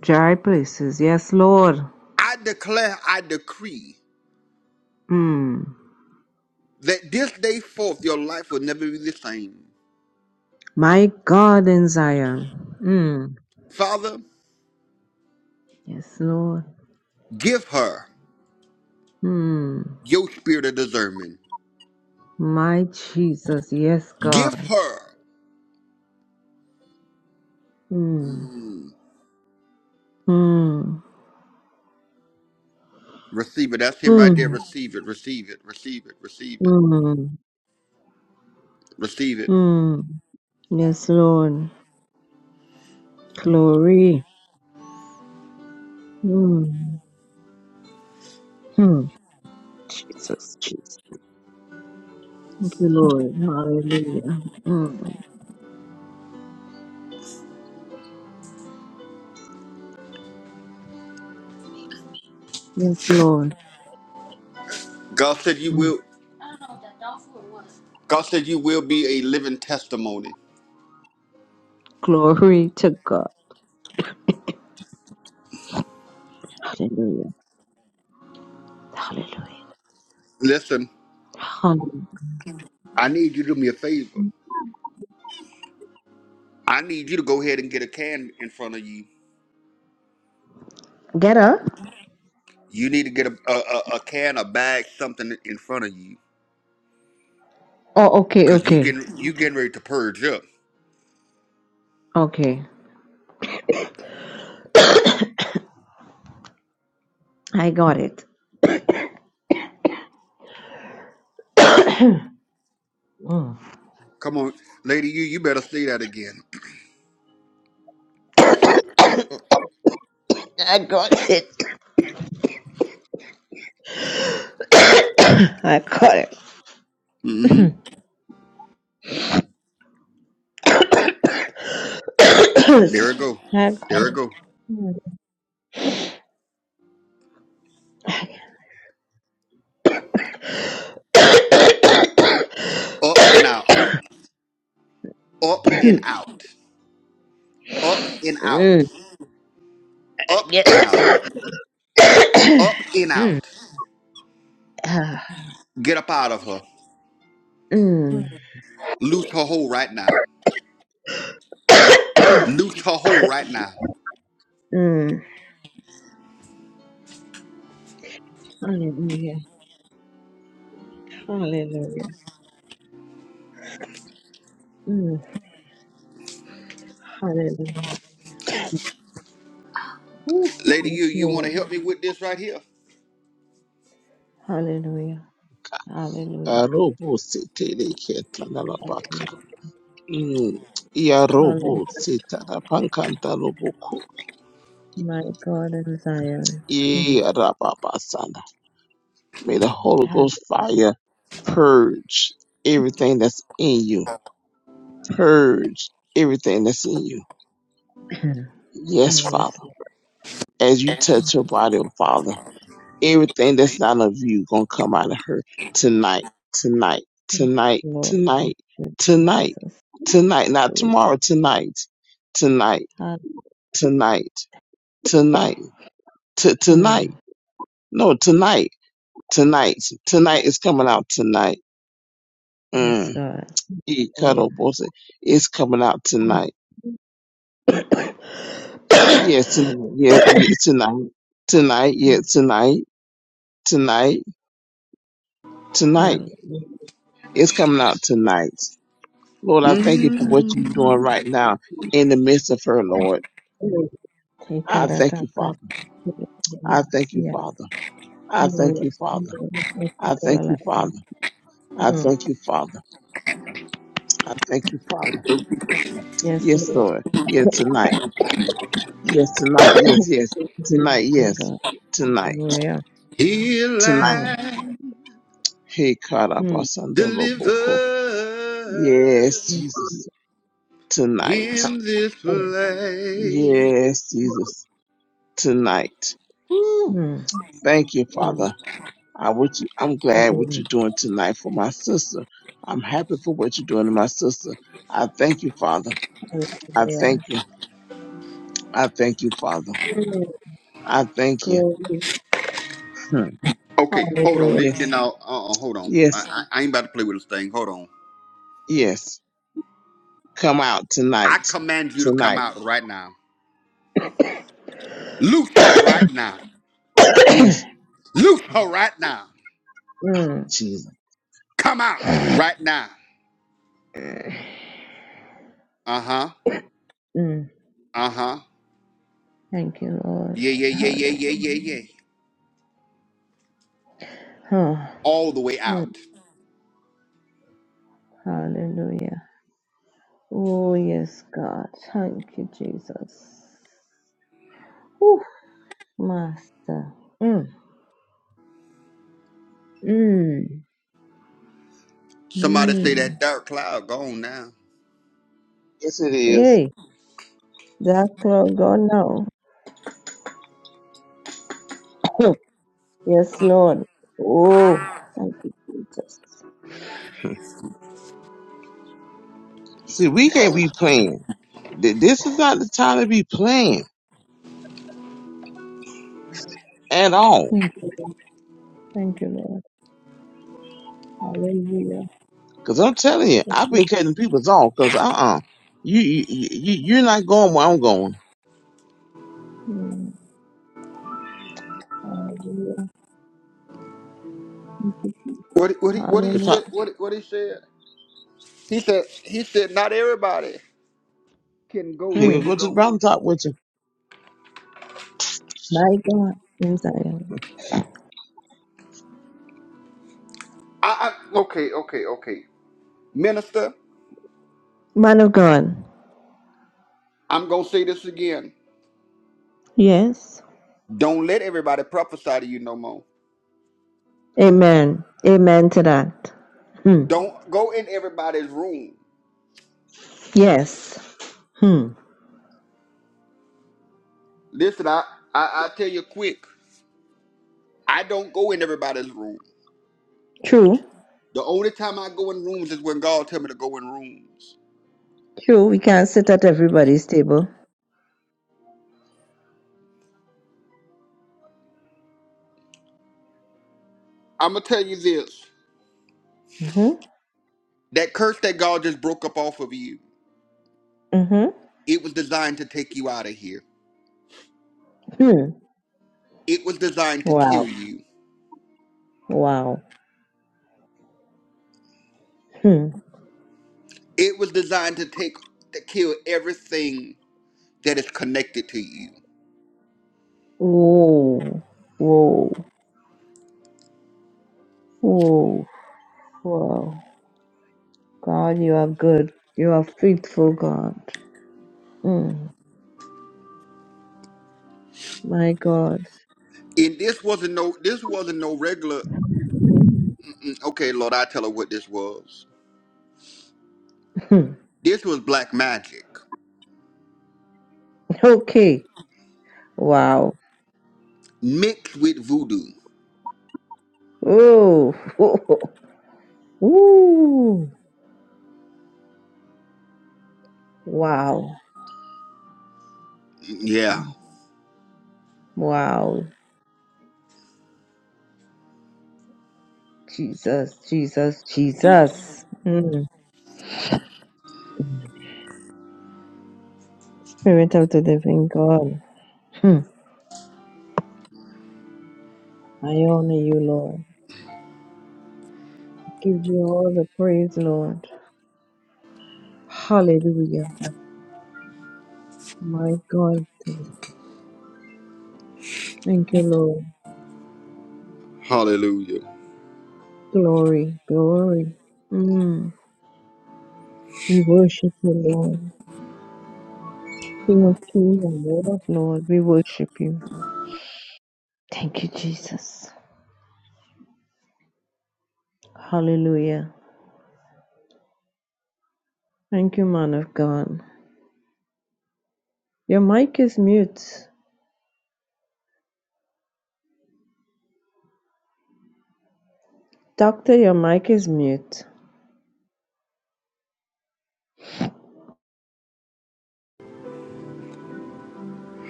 S4: Dry places. Yes, Lord.
S1: I declare, I decree
S4: Hmm.
S1: that this day forth your life will never be the same.
S4: My God and Zion. Hmm.
S1: Father,
S4: Yes, Lord.
S1: give her
S4: Hmm.
S1: your spirit of discernment.
S4: My Jesus. Yes,
S1: Give
S4: God.
S1: her.
S4: Hmm.
S1: Mm,
S4: Hmm.
S1: receive it. That's him right there.
S4: Hmm.
S1: Receive it. Receive it. Receive it. Receive it.
S4: Hmm.
S1: Receive it.
S4: Mm. Yes, Lord. Glory. Mm. Hmm. Jesus, Jesus. Thank you, Lord. Hallelujah. Mm. Yes, Lord.
S1: God said you
S4: Mm.
S1: will. God said you will be a living testimony.
S4: Glory to God. Hallelujah. Hallelujah.
S1: Listen,
S4: Hallelujah.
S1: I need you to do me a favor. I need you to go ahead and get a can in front of you.
S4: Get her?
S1: You need to get a a, a, a can, a bag, something in front of you,
S4: Oh, okay,
S1: cause you
S4: okay,
S1: getting you getting ready to purge up.
S4: okay. I got it. Mm.
S1: Come on, lady, you you better say that again.
S4: I got it. I got it.
S1: Mm-hmm. There it go.
S4: I got
S1: There it go.
S4: it.
S1: Up and out. Up and
S4: Mm.
S1: out. Up and out. Up and out.
S4: Mm.
S1: Up and out.
S4: Ah,
S1: Get up out of her.
S4: mm,
S1: Loose her hold right now. Loot her hole right now.
S4: mm. Hallelujah. Hallelujah. Mm, hallelujah. Woo,
S1: Lady, you
S4: yes,
S1: you want to
S4: Lord.
S1: help me with this right here?
S4: Hallelujah. Hallelujah.
S2: Arobo sete de keta la la baka.
S4: Hallelujah.
S2: Mm. Yarobo
S4: Hallelujah.
S2: seta da pankanta loboko.
S4: My God and Zion. Mm.
S2: Ye rababa May the Holy Ghost fire purge everything that's in you. Purge everything that's in you.
S4: Hallelujah. Ah,
S2: Yes, Father.
S4: yes,
S2: As you
S4: Lord.
S2: touch her body, oh Father, everything that's not of you gonna come out of her tonight, tonight,
S4: Thank
S2: tonight,
S4: you, Lord.
S2: tonight, tonight,
S4: Jesus.
S2: tonight, not
S4: Hallelujah.
S2: tomorrow, tonight, tonight,
S4: Hall-
S2: tonight, tonight, t-
S4: Mm,
S2: tonight. No, tonight, tonight, tonight is coming out tonight. Mm.
S4: yes, God.
S2: He
S4: Hallelujah.
S2: cuddle bullshit. It's coming out
S4: Mm.
S2: tonight. Yes, tonight. Yeah, yeah, tonight. Tonight. Yeah,
S4: Mm.
S2: tonight. Tonight. Tonight.
S4: Hallelujah.
S2: It's coming out tonight. Lord, I thank you for what you're doing right now in the midst of her, Lord.
S4: Hallelujah. Take
S2: I thank you,
S4: out
S2: Father. I thank you,
S4: a
S2: Father. I thank
S4: Mm,
S2: you,
S4: Yes,
S2: Father.
S4: Lord. Yes,
S2: I thank
S4: Lord.
S2: you, Father. I
S4: Mm,
S2: thank you, Father. I thank you, Father.
S4: yes,
S2: Yes,
S4: Lord.
S2: Lord. Yeah, tonight. Yes, tonight. Yes, yes. Tonight.
S4: Oh,
S2: Yes.
S4: God.
S2: Tonight.
S4: Hallelujah.
S1: Heal
S2: Tonight.
S4: Mm,
S1: and
S2: Hey,
S4: mm,
S1: deliver
S2: Karabasandaloboko. Yes,
S4: mm.
S2: Jesus, tonight.
S4: Ha-
S1: in this
S4: oh,
S1: place.
S2: Yes, Jesus, tonight.
S1: Woo.
S4: mm,
S2: Thank you,
S4: mm.
S2: Father. I would, I'm glad what
S4: Hallelujah.
S2: you're doing tonight for my sister. I'm happy for what you're doing to my sister. I thank you, Father. I thank
S4: Hallelujah.
S2: you. I thank you, Father.
S4: Mm,
S2: I thank you.
S4: Glory.
S2: Hmm.
S1: Okay, hold on.
S4: Hallelujah.
S1: Th-
S2: Yes,
S1: Then I'll, uh, uh, hold on. I,
S2: yes,
S1: I, I ain't about to play with this thing. Hold on.
S2: yes. Come out
S1: I
S2: tonight.
S1: command you to come
S2: Tonight.
S1: out right now. Loose her right now.
S2: Yes,
S1: Loose her right now.
S4: Mm,
S2: Jesus.
S1: Come out right now. Uh huh.
S4: mm.
S1: Uh huh.
S4: Thank you, Lord.
S1: Yeah, yeah, yeah, yeah,
S4: Hallelujah.
S1: yeah, yeah, yeah. All the way
S4: Mm,
S1: out.
S4: hallelujah. Oh, yes, God. Thank you, Jesus. Whew, Master. Mm, mm,
S1: Somebody say
S4: mm.
S1: that dark cloud gone now.
S2: Yes, it is.
S4: Hey. Doctor of God now. yes, Lord. Oh, thank you, Jesus.
S2: Hmm. See, we can't be playing. Th- This is not the time to be playing at all.
S4: Thank you, Lord. Thank you, Lord. Hallelujah.
S2: Cause I'm telling you, I've been cutting people's off. Cause uh uh you you you you're not going where I'm going.
S4: Mm, Hallelujah.
S1: What what he what he
S2: But
S4: Hallelujah.
S2: top,
S1: said what what he said? He said he said not everybody can go
S2: ain't
S1: where
S2: gonna
S4: Mm,
S1: you
S2: go to the
S1: going.
S2: mountaintop with you.
S4: My God in Zion.
S1: I, I okay okay okay. Minister,
S4: Man of God.
S1: I'm gonna say this again.
S4: Yes.
S1: Don't let everybody prophesy to you no more.
S4: Amen. Amen to that. Hmm.
S1: Don't go in everybody's room.
S4: Yes. Hmm.
S1: Listen, I I, I tell you quick. I don't go in everybody's room.
S4: True.
S1: The only time I go in rooms is when God tell me to go in rooms.
S4: True. We can't sit at everybody's table.
S1: I'm gonna tell you this.
S4: Mm-hmm.
S1: That curse that God just broke up off of you.
S4: Mm-hmm.
S1: It was designed to take you out of here.
S4: Hmm.
S1: It was designed to kill
S4: Wow.
S1: you.
S4: Wow. Hmm.
S1: It was designed to take to kill everything that is connected to you.
S4: Whoa. Whoa. Oh, wow. God, you are good. You are faithful, God. Mm, my God.
S1: And this wasn't no this wasn't no regular okay, Lord, I tell her what this was.
S4: Hmm.
S1: This was black magic
S4: Okay. Wow.
S1: mixed with voodoo.
S4: Oh, Ooh. wow.
S1: Yeah.
S4: Wow. Jesus, Jesus, Jesus. Mm. Spirit of the living God. Hmm. I honor you, Lord. Give you all the praise, Lord. Hallelujah. My God. Thank you, Lord.
S1: Hallelujah.
S4: Glory, glory. Mm. We worship you, Lord. King of kings and Lord of lords, we worship you. Thank you, Jesus. Hallelujah. Thank you, man of God. Your mic is mute. Doctor, your mic is mute.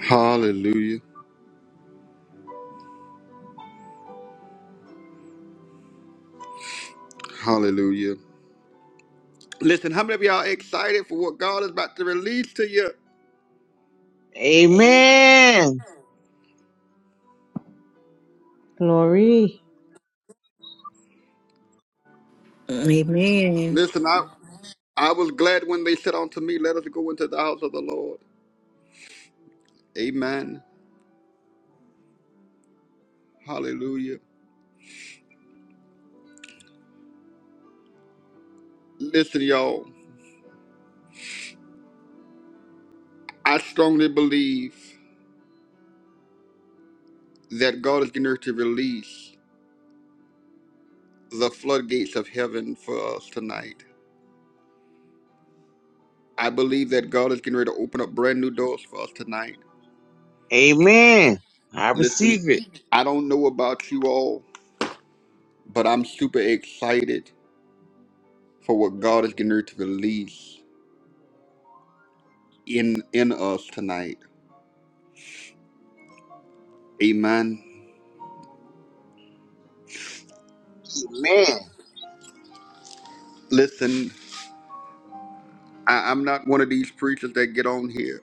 S1: Hallelujah. Hallelujah. Listen, how many of y'all excited for what God is about to release to you?
S2: Amen.
S4: Glory.
S3: Amen.
S1: Listen, I I was glad when they said unto me, Let us go into the house of the Lord. Amen. Hallelujah. Listen, y'all, I strongly believe that God is going to release the floodgates of heaven for us tonight. I believe that God is getting ready to open up brand new doors for us tonight.
S2: Amen. I
S1: Listen,
S2: receive it.
S1: I don't know about you all, but I'm super excited for what God is getting ready to release in in us tonight. Amen.
S2: Amen.
S1: Listen, I, I'm not one of these preachers that get on here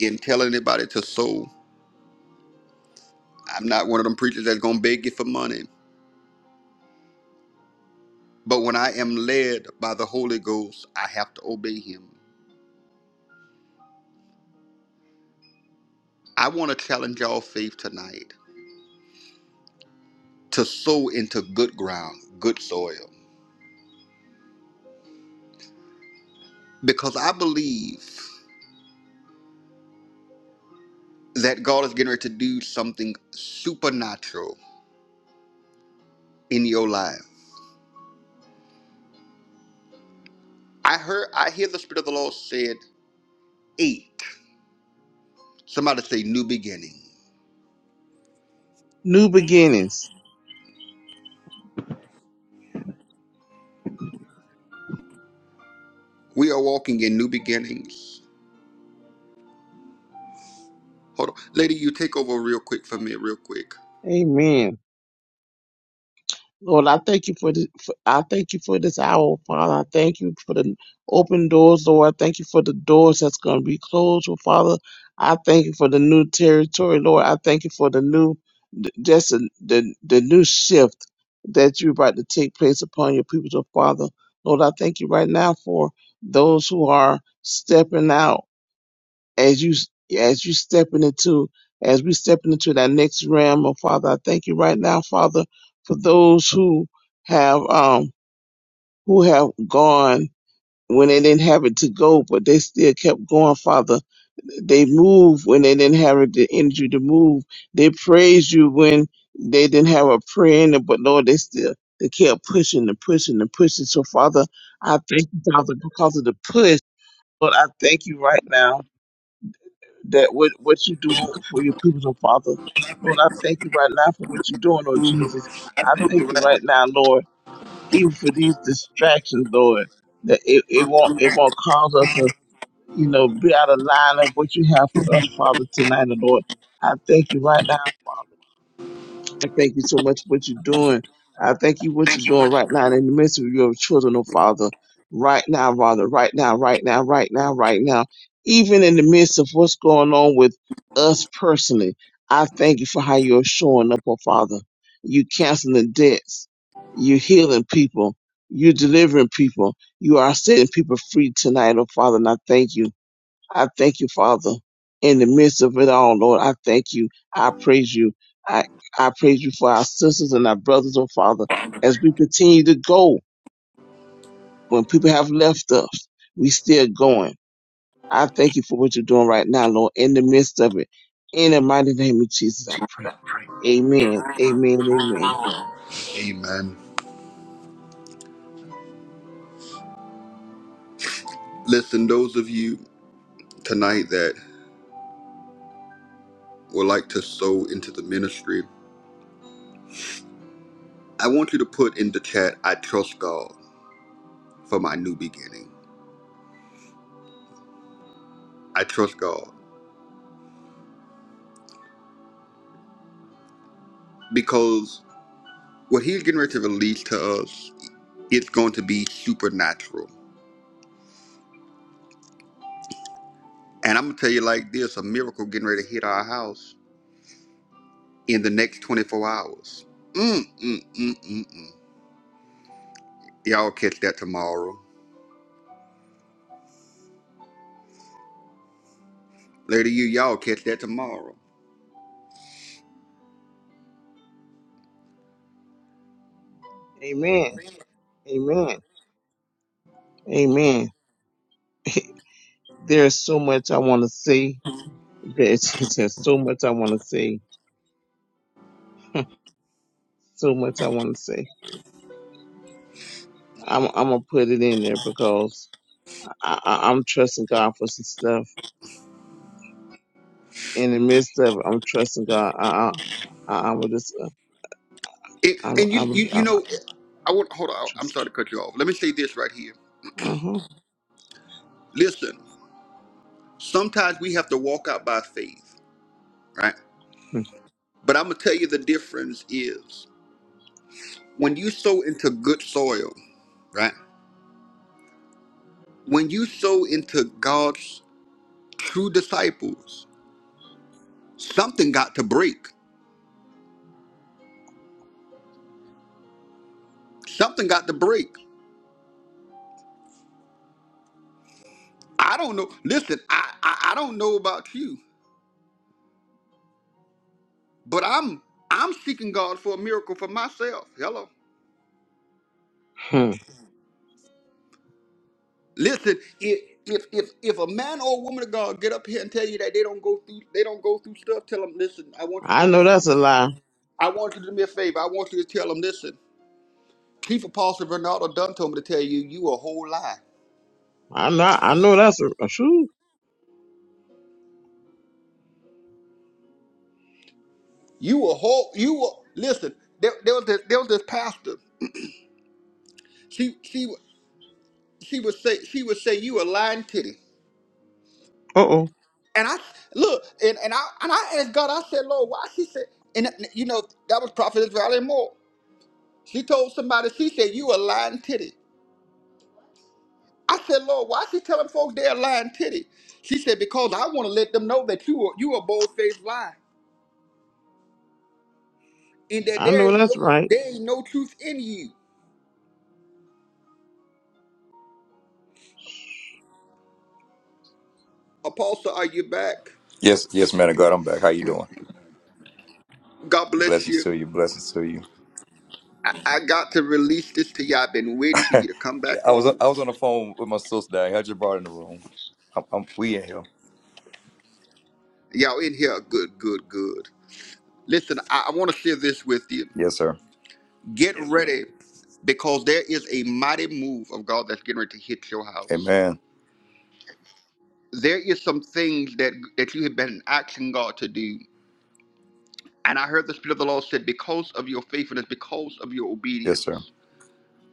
S1: and tell anybody to sow. I'm not one of them preachers that's going to beg you for money. But when I am led by the Holy Ghost, I have to obey him. I want to challenge y'all faith tonight to sow into good ground, good soil. Because I believe that God is getting ready to do something supernatural in your life. I heard I hear the Spirit of the Lord said eight. Somebody say new beginning.
S2: New beginnings.
S1: We are walking in new beginnings. Hold on. Lady, you take over real quick for me, real quick.
S2: Amen. Lord, I thank you for this. For, I thank you for this hour, Father. I thank you for the open doors, Lord. I thank you for the doors that's going to be closed, oh, Father. I thank you for the new territory, Lord. I thank you for the new, th- just the the, the new shift that you're about to take place upon your people, oh, Father. Lord, I thank you right now for those who are stepping out as you as you stepping into as we stepping into that next realm oh father i thank you right now father for those who have um who have gone when they didn't have it to go but they still kept going father they moved when they didn't have the energy to move they praised you when they didn't have a prayer in it but lord they still they kept pushing and pushing and pushing so father i thank you father because of the push lord i thank you right now that what, what you're doing for your people, oh Father. Lord, I thank you right now for what you're doing, oh Jesus. I
S1: You're
S2: thank you
S1: right.
S2: right now, Lord, even for these distractions, Lord, that it, it won't it won't cause us to, you know, be out of line of what you have for us, Father, tonight, oh Lord. I thank you right now, Father. I thank you so much for what you're doing. I thank you for what you're doing right now in the midst of your children, oh Father. Right now, Father, right now, right now, right now, right now. Even in the midst of what's going on with us personally, I thank you for how you're showing up, oh Father. You canceling debts. You healing people. You delivering people. You are setting people free tonight, oh Father, and I thank you. I thank you, Father, in the midst of it all, Lord. I thank you. I praise you. I, I praise you for our sisters and our brothers, oh Father, as we continue to go when people have left us. We still going. I thank you for what you're doing right now, Lord, in the midst of it. In the mighty name of Jesus, I pray. Amen. Amen. Amen.
S1: Amen. Listen, those of you tonight that would like to sow into the ministry, I want you to put in the chat, I trust God for my new beginning. I trust God because what He's getting ready to release to us, it's going to be supernatural. And I'm going to tell you like this a miracle getting ready to hit our house in the next 24 hours. Mm, mm, mm, mm, mm. Y'all catch that tomorrow. Later, you, y'all catch that tomorrow.
S2: Amen. Amen. Amen. There's so much I want to say. There's, there's so much I want to say. So much I want to say. I'm I'm gonna put it in there because I, I, I'm trusting God for some stuff. In the midst of it, I'm trusting God. I I, I, I would just uh,
S1: And,
S2: I
S1: and you,
S2: I would
S1: you,
S2: I,
S1: you
S2: I
S1: know, I want hold on. I'm
S2: trust.
S1: sorry to cut you off. Let me say this right here.
S2: Uh
S1: Listen, sometimes we have to walk out by faith, right? But I'm gonna tell you the difference is when you sow into good soil, right? When you sow into God's true disciples, something got to break. Something got to break. I don't know. Listen, I I, I don't know about you, but I'm I'm seeking God for a miracle for myself. Hello.
S2: huh.
S1: Listen, if if if if a man or a woman of God get up here and tell you that they don't go through they don't go through stuff, tell them, listen, I want you to
S2: I
S1: do me a
S2: know that's a
S1: favor.
S2: lie.
S1: I want you to do me a favor. I want you to tell them, listen, Chief Apostle Bernardo Dunn told me to tell you, you a whole lie.
S2: I know I know that's a, a true.
S1: You a whole you a listen. There, there was this there was this pastor. She she she would say she would say you a lying titty.
S2: Uh oh.
S1: And I look and, and I and I asked God. I said, Lord, why? She said, and you know that was Prophetess Valerie Moore. She told somebody. She said, you a lying titty. I said, Lord, why she telling folks they're lying titty? She said, because I want to let them know that you are you are bold faced lying, and that
S2: I
S1: there
S2: know
S1: ain't
S2: that's
S1: no
S2: right.
S1: there ain't no truth in you. Apostle, are you back?
S5: Yes, yes, man of God, I'm back. How you doing?
S1: God bless
S5: Blessings to
S1: you.
S5: you. Blessings to you.
S1: I, I got to release this to you. all I've been waiting for you to come
S5: Yeah,
S1: back
S5: I was
S1: on.
S5: I was on the phone with my sister. I had just brought in the room. I'm, I'm, we in here.
S1: Y'all in here, good, good, good. Listen, I, I want to share this with you.
S5: Yes, sir.
S1: Get ready because there is a mighty move of God that's getting ready to hit your house.
S5: Amen.
S1: There is some things that that you have been asking God to do, And I heard the Spirit of the Lord said, Because of your faithfulness, because of your
S5: Yes, sir.
S1: obedience,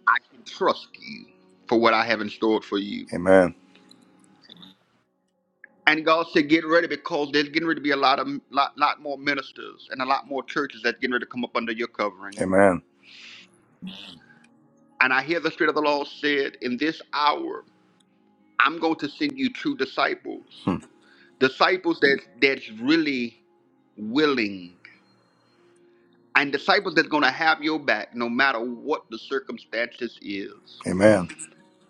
S1: I can trust you for what I have in store for you.
S5: Amen.
S1: And God said, Get ready because there's getting ready to be a lot of lot, lot more ministers and a lot more churches that's getting ready to come up under your covering.
S5: Amen.
S1: And I hear the Spirit of the Lord said, In this hour, I'm going to send you true disciples.
S5: Hmm.
S1: Disciples that that's really willing. And disciples that's gonna have your back no matter what the circumstances is.
S5: Amen.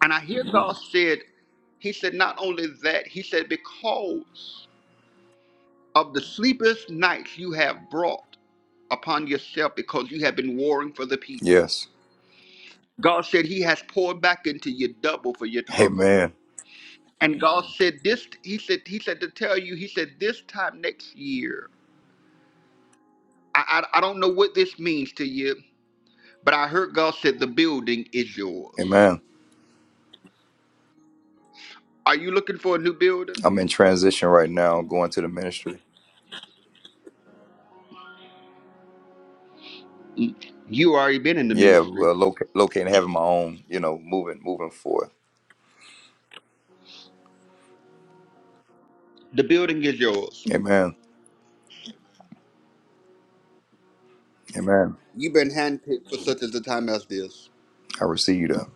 S1: And I hear God said, He said, not only that, He said, because of the sleepless nights you have brought upon yourself because you have been warring for the people.
S5: Yes.
S1: God said, He has poured back into you double for your trouble.
S5: Amen.
S1: And God said, This, He said, He said to tell you, He said, this time next year, I, I, I don't know what this means to you, but I heard God said, The building is yours.
S5: Amen.
S1: Are you looking for a new building?
S5: I'm in transition right now, going to the ministry.
S1: Mm, You already been in the
S5: Yeah,
S1: ministry.
S5: well, loca- locating, having my own, you know, moving, moving forth.
S1: The building is yours.
S5: Amen. Amen.
S1: You've been handpicked for such as a time as this.
S5: I receive that.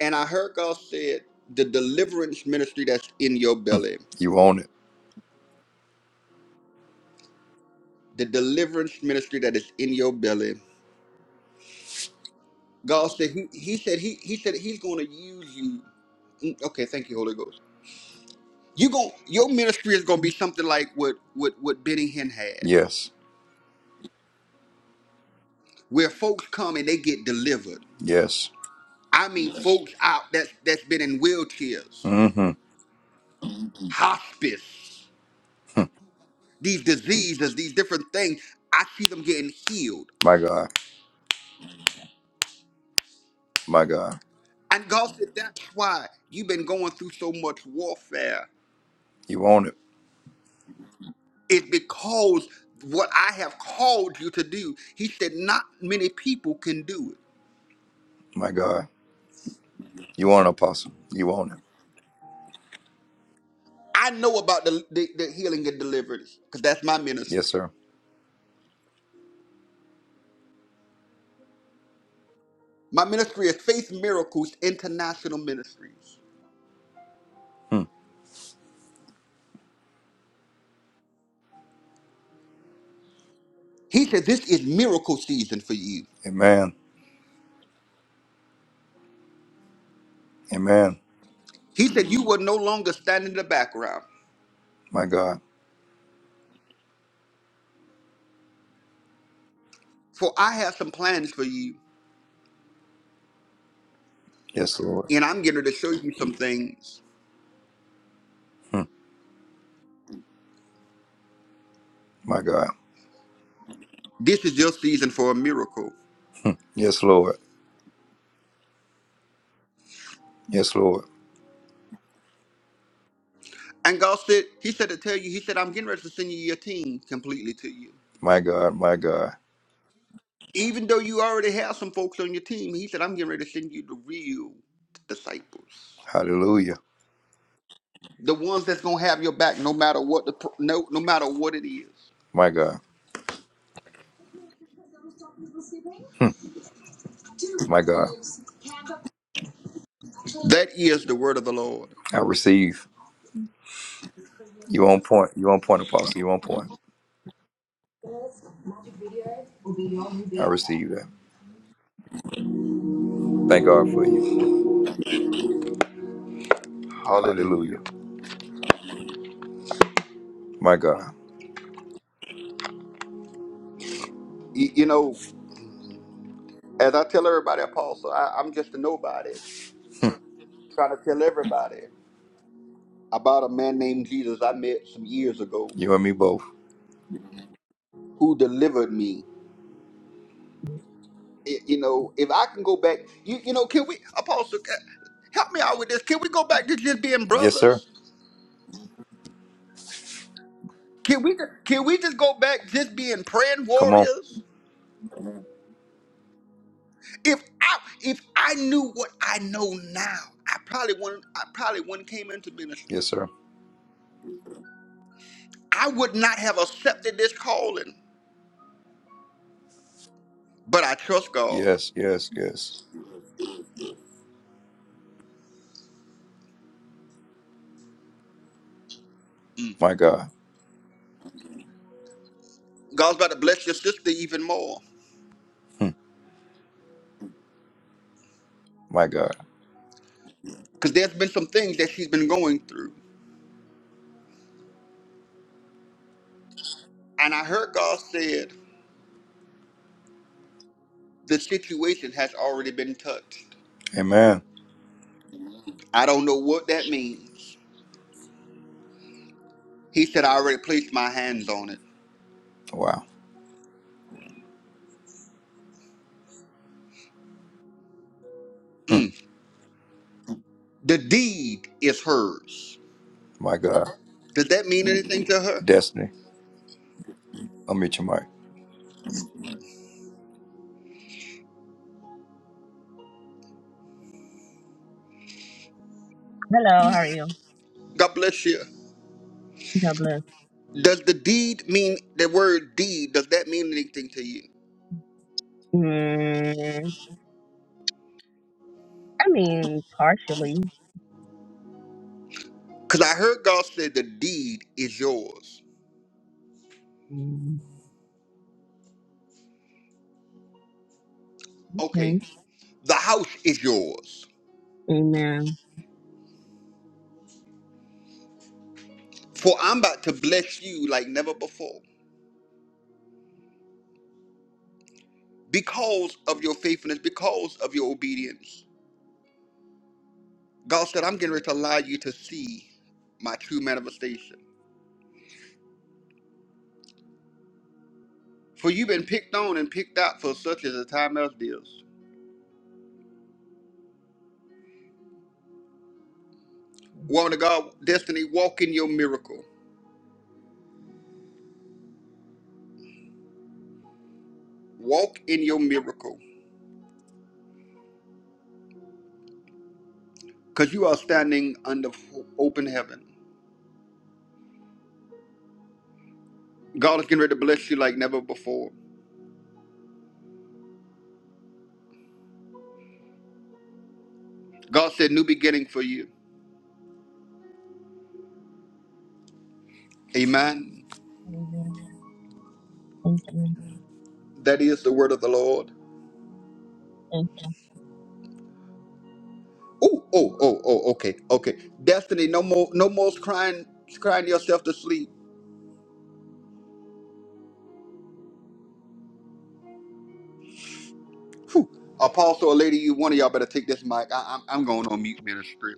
S1: And I heard God said, the deliverance ministry that's in your belly,
S5: You own it.
S1: the deliverance ministry that is in your belly. God said He, he said He He said He's gonna use you. Mm, Okay, thank you, Holy Ghost. You gon' your ministry is gonna be something like what what what Benny Hinn had,
S5: Yes.
S1: where folks come and they get delivered.
S5: Yes.
S1: I mean, folks out that's that's been in wheelchairs,
S5: Mm-hmm.
S1: hospice,
S5: hmm
S1: these diseases, these different things. I see them getting healed.
S5: My God. My God.
S1: And God said, that's why you've been going through so much warfare.
S5: You own it,
S1: It's because what I have called you to do, he said, not many people can do it.
S5: my God. You own it, Apostle. You own it.
S1: I know about the, the, the healing and deliverance because that's my
S5: Yes,
S1: ministry.
S5: sir.
S1: My ministry is Faith Miracles International Ministries.
S5: Hmm.
S1: He said, this is miracle season for you.
S5: Amen. Amen.
S1: He said, you will no longer stand in the background,
S5: My God.
S1: for I have some plans for you,
S5: Yes, Lord.
S1: and I'm getting ready to show you some things.
S5: Hmm. My God.
S1: This is your season for a miracle.
S5: Hmm. Yes, Lord. Yes, Lord.
S1: And God said, He said to tell you, He said, I'm getting ready to send you your team completely to you.
S5: My God. My God.
S1: Even though you already have some folks on your team, He said, I'm getting ready to send you the real disciples.
S5: Hallelujah.
S1: The ones that's gonna have your back no matter what the pro- no no matter what it is.
S5: My God. Hmm. My God.
S1: That is the word of the Lord.
S5: I receive. You on point. You on point, Apostle. You on point. I receive that. Thank God for you.
S1: Hallelujah.
S5: Hallelujah. My God.
S1: You, you know, as I tell everybody, Apostle, I, I'm just a nobody trying to tell everybody about a man named Jesus I met some years ago
S5: You and me both.
S1: who delivered me I- you know, if I can go back, you, you know, can we, Apostle, ca- help me out with this? Can we go back to just being
S5: Yes, sir.
S1: brothers? Can we can we just go back just being praying
S5: Come on.
S1: warriors? If I if I knew what I know now, I probably wouldn't I probably wouldn't came into ministry.
S5: Yes, sir.
S1: I would not have accepted this calling, but I trust God.
S5: Yes, yes, yes.
S1: Mm.
S5: My God.
S1: God's about to bless your sister even more
S5: Hmm. My God.
S1: because there's been some things that she's been going through, and I heard God said the situation has already been touched.
S5: Amen.
S1: I don't know what that means. He said, I already placed my hands on it.
S5: Wow.
S1: Mm. The deed is hers.
S5: My God.
S1: Does that mean anything to her?
S5: Destiny. I'll meet your mic.
S6: Hello, how are you?
S1: God bless you.
S6: God bless.
S1: Does the deed mean the word deed? Does that mean anything to you?
S6: Mm, I mean, partially.
S1: Because I heard God said the deed is yours.
S6: Mm,
S1: Okay,
S6: okay.
S1: the house is yours.
S6: Amen.
S1: For I'm about to bless you like never before because of your faithfulness, because of your obedience. God said, I'm getting ready to allow you to see my true manifestation. For you've been picked on and picked out for such as a time as this. Woman of God, destiny, walk in your miracle. Walk in your miracle. Because you are standing under f- open heaven. God is getting ready to bless you like never before. God said, new beginning for you. Amen.
S6: Amen. Thank you.
S1: That is the word of the Lord.
S6: Thank you.
S1: Oh, oh, oh, oh, okay, okay. Destiny, no more, no more crying, crying yourself to sleep. Whew. Apostle, a lady, you one of y'all better take this mic. I, I'm, I'm going on mute ministry.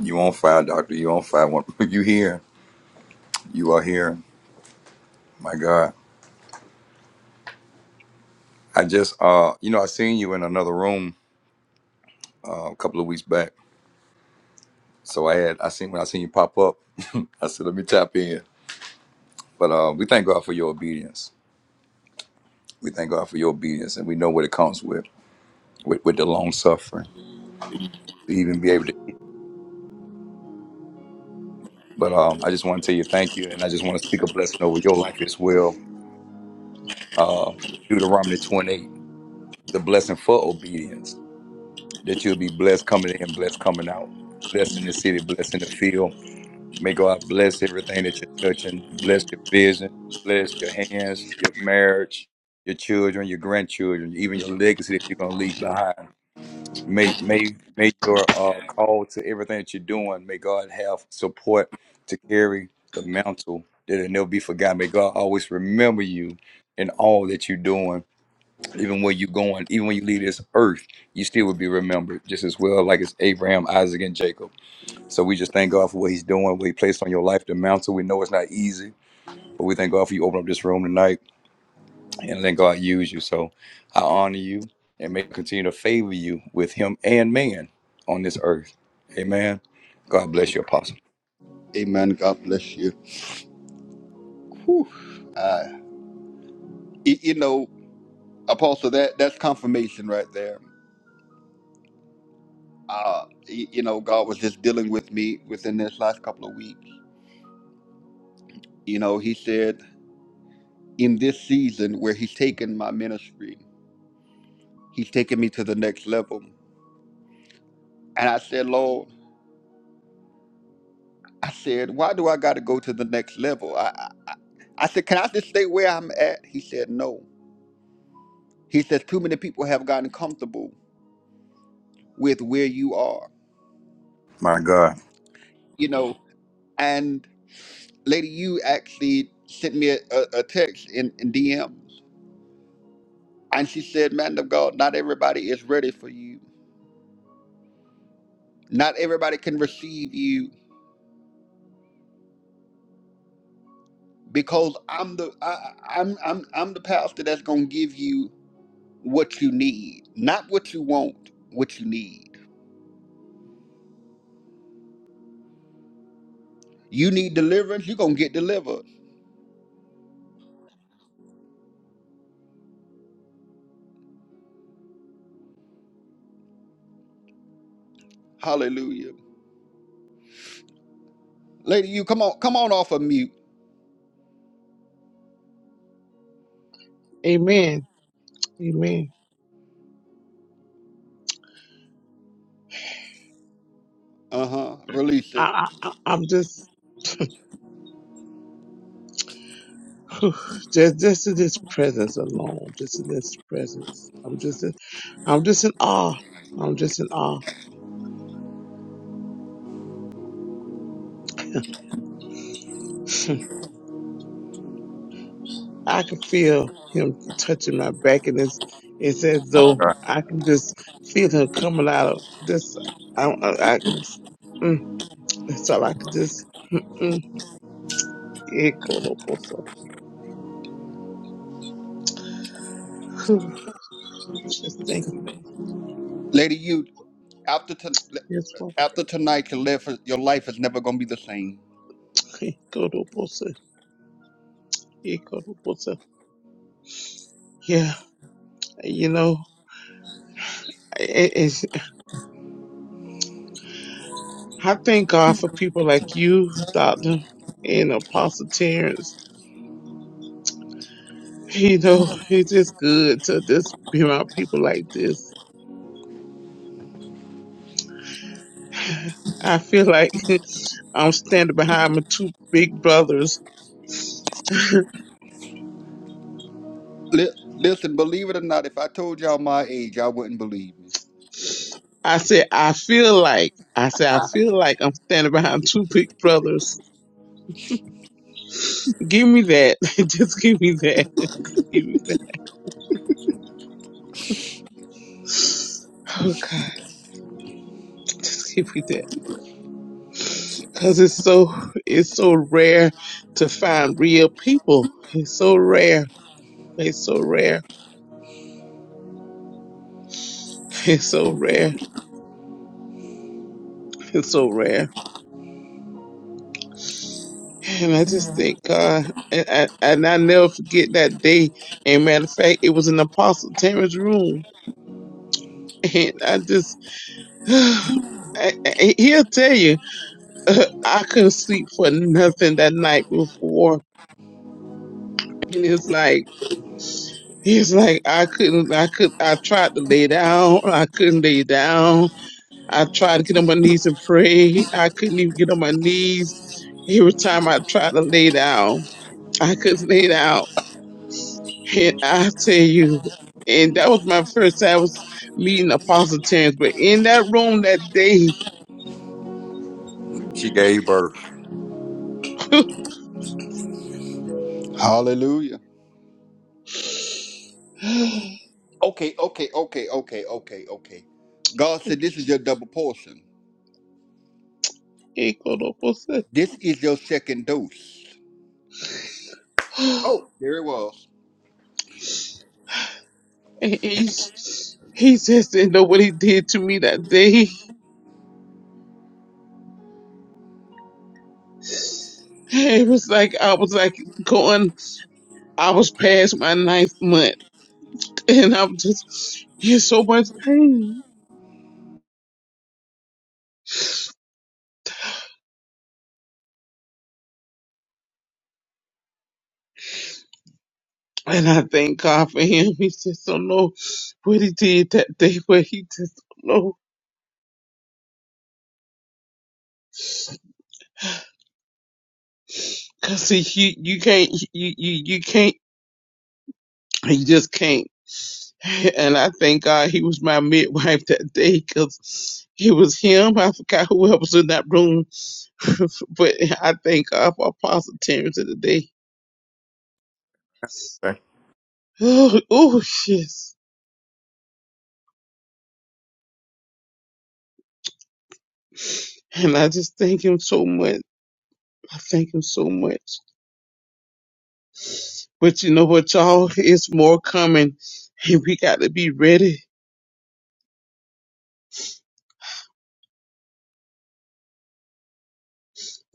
S5: You on fire, doctor. You on fire. When- You here. You are here. My God. I just uh you know, I seen you in another room uh, a couple of weeks back. So I had I seen when I seen you pop up, I said, let me tap in. But uh we thank God for your obedience. We thank God for your obedience and we know what it comes with, with, with the long suffering to even be able to but um I just want to tell you thank you and I just want to speak a blessing over your life as well. Uh Deuteronomy twenty eight, the blessing for obedience. that you'll be blessed coming in, blessed coming out, blessed in the city, blessed in the field. May God bless everything that you're touching, bless your vision, bless your hands, your marriage, your children, your grandchildren, even your legacy that you're gonna leave behind. May may may your uh, call to everything that you're doing. May God have support to carry the mantle that it never be forgotten. May God always remember you in all that you're doing even when you going, even when you leave this earth, you still will be remembered just as well, like it's Abraham, Isaac, and Jacob. So we just thank God for what He's doing, what He placed on your life, the mountain. We know it's not easy, but we thank God for you opening up this room tonight and let God use you. So I honor you and may God continue to favor you with Him and man on this earth. Amen. God bless you, Apostle.
S1: Amen. God bless you. Whew. Uh, y- you know, Apostle, that that's confirmation right there. Uh, y- you know, God was just dealing with me within this last couple of weeks. You know, He said in this season where He's taken my ministry, He's taken me to the next level. And I said, Lord, I said, why do I got to go to the next level? I, I I I said, can I just stay where I'm at? He said, no. He says, too many people have gotten comfortable with where you are.
S5: My God,
S1: You know, and Lady, you actually sent me a, a, a text in, in DMs, and she said, "Man of God, not everybody is ready for you. Not everybody can receive you because I'm the I, I- I'm I'm I'm the pastor that's gonna give you what you need, not what you want, what you need. You need deliverance, you're gonna get delivered. Hallelujah, Lady, you come on, come on off of mute.
S2: Amen. Amen.
S1: Uh huh. Release
S2: I,
S1: it,
S2: I I- I'm just. Just, just in this presence alone, just in this presence, I'm just, in, I'm just in awe. I'm just in awe. I could feel him touching my back, and it's it's as
S5: my
S2: though
S5: God,
S2: I can just feel him coming out of this. I, I, I can, mm, that's all I could just. Mm, mm, yeah, Kodobosa. Whew. Just thank you.
S1: Lady. You after to,
S2: Yes, Lord.
S1: after tonight, your life your life is never gonna be the same."
S2: Hey, Kodobosa. Yeah, Kodobosa. Yeah, you know, it, it's, I thank God for people like you, Doctor, and Apostle Terrence. Hey, You know, it's just good to just be around people like this I feel like I'm standing behind my two big brothers.
S1: Li- listen, believe it or not, if I told y'all my age, y'all wouldn't believe me.
S2: I said, I feel like, I said, I feel like I'm standing behind two big brothers. Give me that. Just give me that. Just give me that. Oh God, just give me that. Cause it's so, it's so rare to find real people. It's so rare. It's so rare. It's so rare. It's so rare. And I just thank God. And I, and I never forget that day. And matter of fact, it was in Apostle Terrence's room. And I just, I, I- he'll tell you, uh, I couldn't sleep for nothing that night before. And it's like, it's like I couldn't, I could, I tried to lay down. I couldn't lay down. I tried to get on my knees and pray. I couldn't even get on my knees. Every time I tried to lay down, I couldn't lay down. And I tell you, and that was my first time I was meeting Apostle Terrence. But in that room that day,
S5: she gave birth.
S1: Hallelujah. Okay, okay, okay, okay, okay, okay. God said, This is your double portion.
S2: he called up and said-
S1: This is your second dose. Oh, there it was.
S2: and he's- he just didn't know what he did to me that day. It was like I was like going, I was past my ninth month, and I'm just in so much pain. And I thank God for him. He just don't know what he did that day, but he just don't know. Cause see, you you can't you you you can't you just can't. And I thank God he was my midwife that day, cause it was him. I forgot who else was in that room, but I thank God for Apostle Terrence of the day.
S5: Okay?
S2: Oh, oh, yes. And I just thank him so much. I thank him so much. But you know what, y'all? It's more coming, and we got to be ready.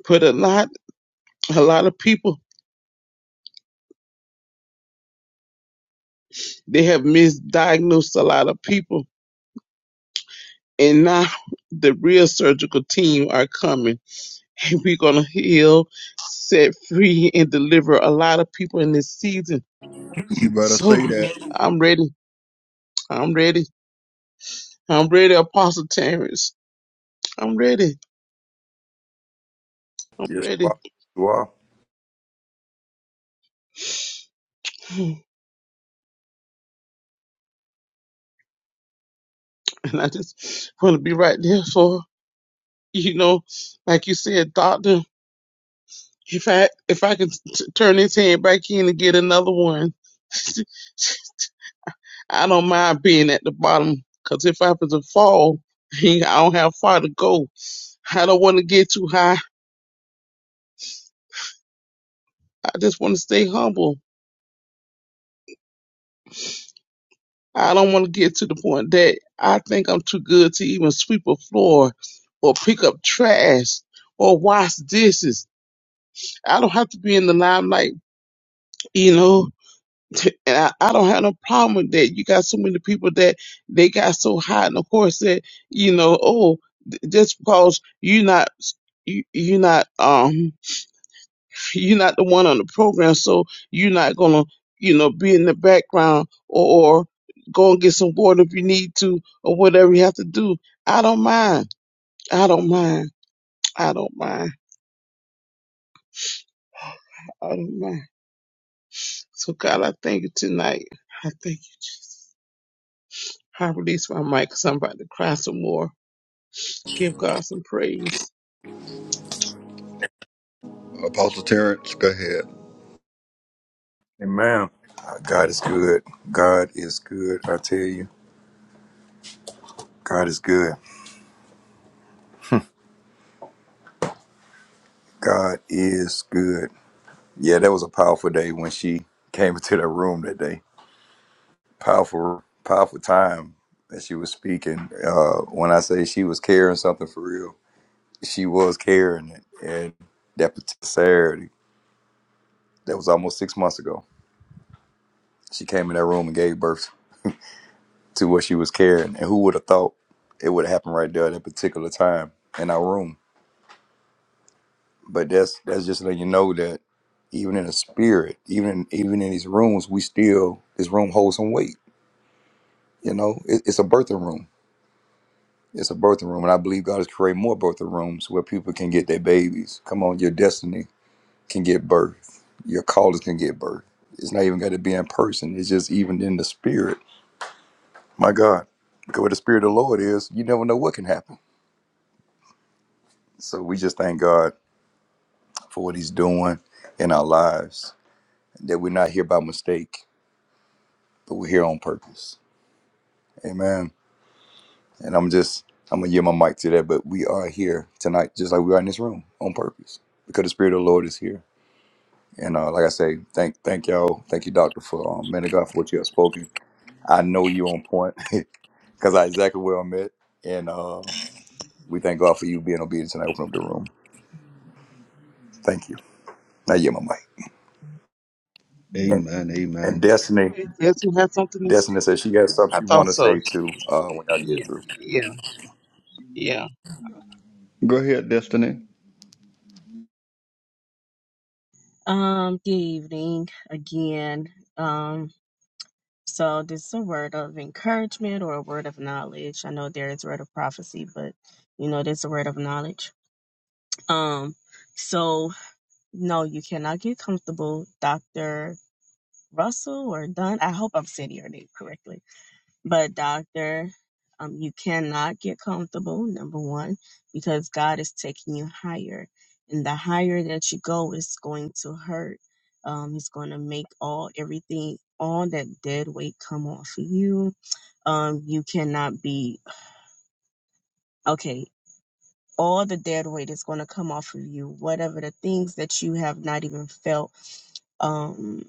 S2: But a lot, a lot of people, they have misdiagnosed a lot of people And now the real surgical team are coming. And we're going to heal, set free, and deliver a lot of people in this season.
S1: You better
S2: So
S1: say that.
S2: I'm ready. I'm ready. I'm ready, Apostle Terrence. I'm ready. I'm
S5: Yes, you
S2: ready.
S5: are. You are.
S2: And I just want to be right there for, you know, like you said, doctor, if I, if I can t- turn his head back in and get another one, I don't mind being at the bottom because if I was to fall, I don't have far to go. I don't want to get too high. I just want to stay humble. I don't want to get to the point that I think I'm too good to even sweep a floor or pick up trash or wash dishes. I don't have to be in the limelight, you know, and I, I don't have no problem with that. You got so many people that they got so high and of course that, you know, oh, th- just because you're not, you, you're not, um. You're not the one on the program, so you're not gonna, you know, be in the background or, or go and get some water if you need to or whatever you have to do. I don't mind. I don't mind. I don't mind. I don't mind. So God, I thank you tonight. I thank you, Jesus. I release my mic, because 'cause I'm about to cry some more. Give God some praise.
S1: Apostle Terrence, go ahead.
S5: Amen. Uh, God is good. God is good. I tell you. God is good. God is good. Yeah, that was a powerful day when she came into the room that day. Powerful, powerful time that she was speaking. Uh, when I say she was carrying something for real, she was carrying it. And that particular Saturday, that was almost six months ago, she came in that room and gave birth to what she was carrying. And who would have thought it would have happened right there at that particular time in our room? But that's that's just letting you know that even in the spirit, even in, even in these rooms, we still this room holds some weight. You know, it, it's a birthing room. It's a birthing room, and I believe God is creating more birthing rooms where people can get their babies. Come on, your destiny can get birth. Your callers can get birth. It's not even got to be in person. It's just even in the spirit. My God, because where the spirit of the Lord is, you never know what can happen. So we just thank God for what He's doing in our lives. That we're not here by mistake but we're here on purpose. Amen. And I'm just, I'm going to give my mic to that, but we are here tonight, just like we are in this room, on purpose, because the Spirit of the Lord is here. And uh, like I say, thank thank y'all. Thank you, Doctor, for, um, man of God, for what you have spoken. I know you on point because I exactly where I'm at. And uh, we thank God for you being obedient tonight. Open up the room. Thank you. Now, yeah, my mic. And,
S1: Amen,
S5: and
S1: amen.
S5: Destiny,
S2: Hey, Desmond has something to
S5: Destiny
S2: say.
S5: says she got something
S2: I
S5: she want
S2: thought
S5: to
S2: so.
S5: say too uh, when I
S2: Yeah,
S5: get through.
S2: yeah, yeah.
S1: Go ahead, Destiny.
S6: Um, good evening again. Um, so this is a word of encouragement or a word of knowledge. I know there is a word of prophecy, but you know, there's a word of knowledge. Um, so no, you cannot get comfortable, Dr. Russell or Dunn. I hope I'm saying your name correctly But doctor, um, you cannot get comfortable, number one, because God is taking you higher. And the higher that you go, it's going to hurt. Um, it's going to make all everything, all that dead weight come off of you. Um, you cannot be okay. All the dead weight is going to come off of you. Whatever the things that you have not even felt um,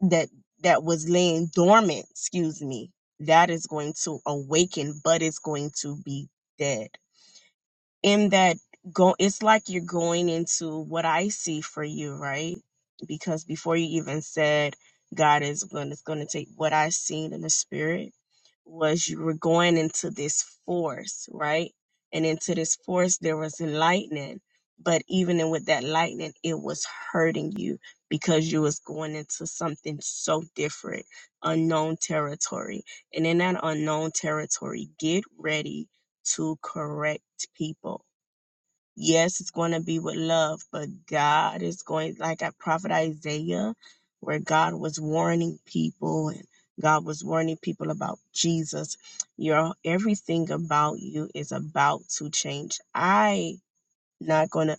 S6: that that was laying dormant, excuse me, that is going to awaken, but it's going to be dead in that go it's like you're going into what I see for you, right? Because before you even said God is going it's going to take what I seen in the spirit was you were going into this force, right? And into this force there was lightning, but even in with that lightning it was hurting you because you was going into something so different, unknown territory. And in that unknown territory, get ready to correct people. Yes, it's going to be with love, but God is going, like at Prophet Isaiah, where God was warning people and God was warning people about Jesus. Your everything about you is about to change. I not gonna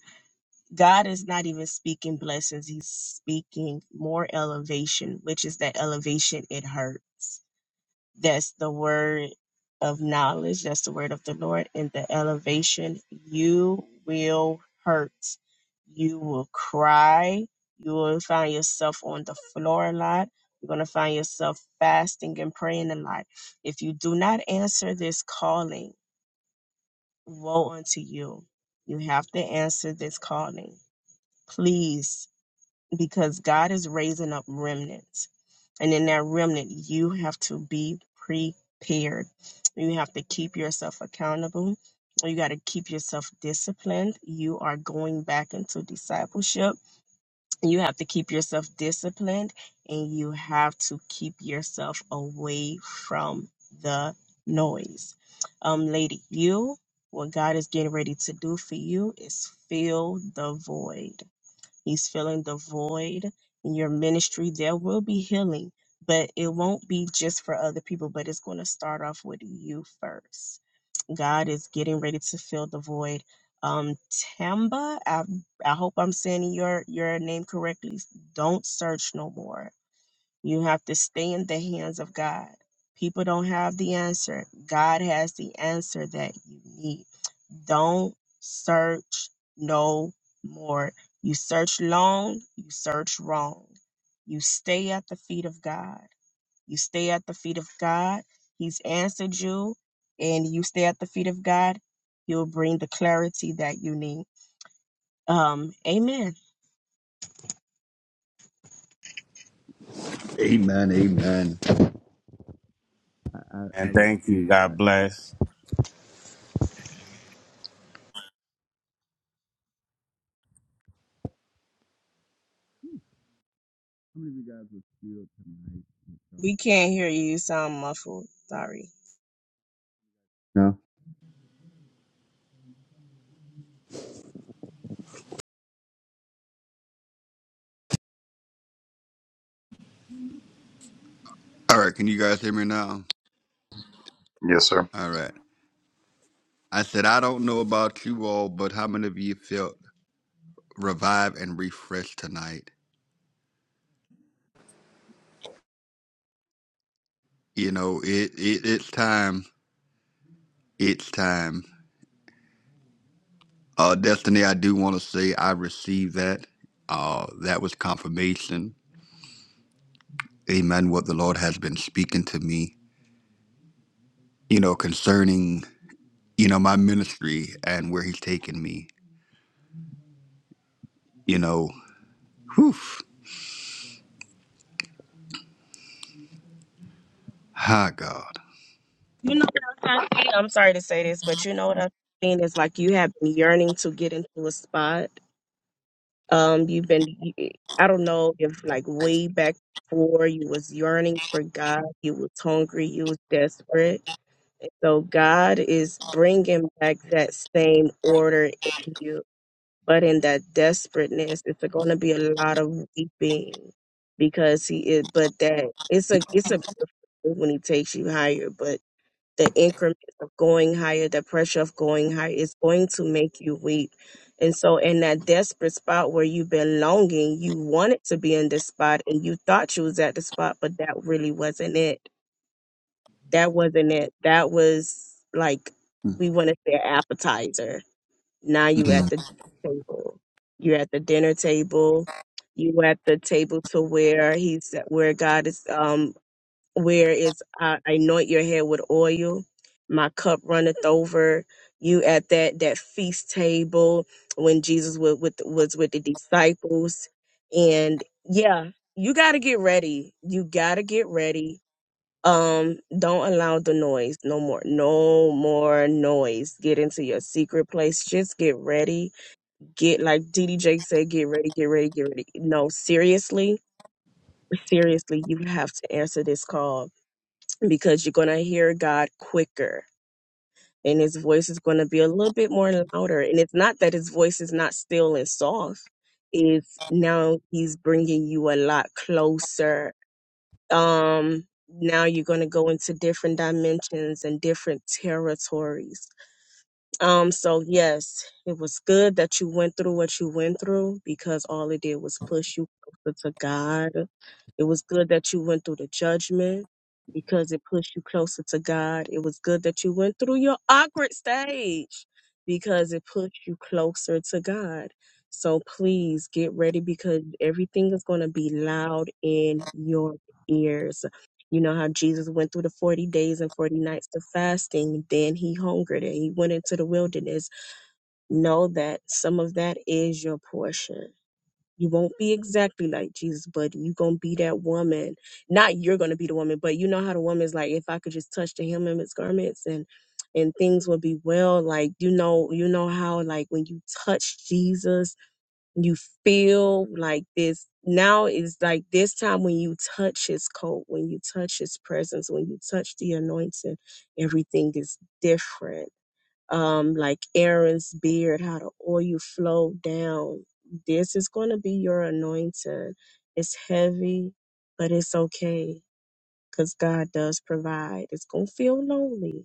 S6: God is not even speaking blessings, He's speaking more elevation, which is that elevation it hurts that's the word of knowledge. That's the word of the Lord. In the elevation, you will hurt. You will cry. You will find yourself on the floor a lot. You're going to find yourself fasting and praying a lot. If you do not answer this calling, woe unto you. You have to answer this calling. Please because God is raising up remnants. And in that remnant, you have to be prepared. You have to keep yourself accountable. You got to keep yourself disciplined. You are going back into discipleship. You have to keep yourself disciplined and you have to keep yourself away from the noise. Um, lady, you, what God is getting ready to do for you is fill the void He's filling the void in your ministry. There will be healing, but it won't be just for other people, but it's going to start off with you first. God is getting ready to fill the void. Um, Tamba, I, I hope I'm saying your your name correctly. Don't search no more. You have to stay in the hands of God. People don't have the answer. God has the answer that you need. Don't search no more. You search long, you search wrong. You stay at the feet of God. You stay at the feet of God. He's answered you, and you stay at the feet of God. He'll bring the clarity that you need. Um, amen.
S1: Amen, amen. I
S7: And thank you.
S1: receive that.
S7: God bless.
S1: How many of you guys were filled tonight with God?
S6: We can't hear you. You sound muffled. Sorry.
S1: No. All right, can you guys hear me now?
S5: Yes, sir.
S1: All right. I said, I don't know about you all, but how many of you felt revived and refreshed tonight? You know, it, it it's time. It's time. Uh, Destiny, I do want to say I received that. Uh, that was confirmation. Amen. What the Lord has been speaking to me, you know, concerning, you know, my ministry and where He's taking me, you know. Whew. Hi, God.
S6: You know what I'm trying to say? I'm sorry to say this, but you know what I'm saying is like you have been yearning to get into a spot. Um, you've been. I don't know if like way back before you was yearning for God. You was hungry. You was desperate. So God is bringing back that same order in you But in that desperateness, it's going to be a lot of weeping because he is. But that it's a it's a beautiful thing when he takes you higher. But the increment of going higher, the pressure of going higher, is going to make you weep. And so, in that desperate spot where you've been longing, you wanted to be in this spot, and you thought you was at the spot, but that really wasn't it. That wasn't it. That was like we want to say an appetizer now you
S1: Mm.
S6: at the table. You're at the dinner table. You at the table to where he's where God is um where is I anoint your head with oil. My cup runneth over. You at that that feast table when Jesus was with was with the disciples. And yeah, you gotta get ready. You gotta get ready um don't allow the noise no more no more noise get into your secret place just get ready get like ddj said get ready get ready get ready no seriously seriously you have to answer this call because you're going to hear god quicker and his voice is going to be a little bit more louder and it's not that his voice is not still and soft it's now he's bringing you a lot closer um now you're going to go into different dimensions and different territories um so yes it was good that you went through what you went through because all it did was push you closer to god it was good that you went through the judgment because it pushed you closer to god it was good that you went through your awkward stage because it pushed you closer to god so please get ready because everything is going to be loud in your ears you know how Jesus went through the 40 days and 40 nights of fasting, then he hungered and he went into the wilderness. Know that some of that is your portion. You won't be exactly like Jesus, but you're going to be that woman. Not you're going to be the woman, but you know how the woman's like, if I could just touch the hem of his garments and and things will be well like you know you know how like when you touch jesus you feel like this now is like this time when you touch his coat when you touch his presence when you touch the anointing everything is different um like aaron's beard how the oil flowed down this is going to be your anointing it's heavy but it's okay because god does provide it's going to feel lonely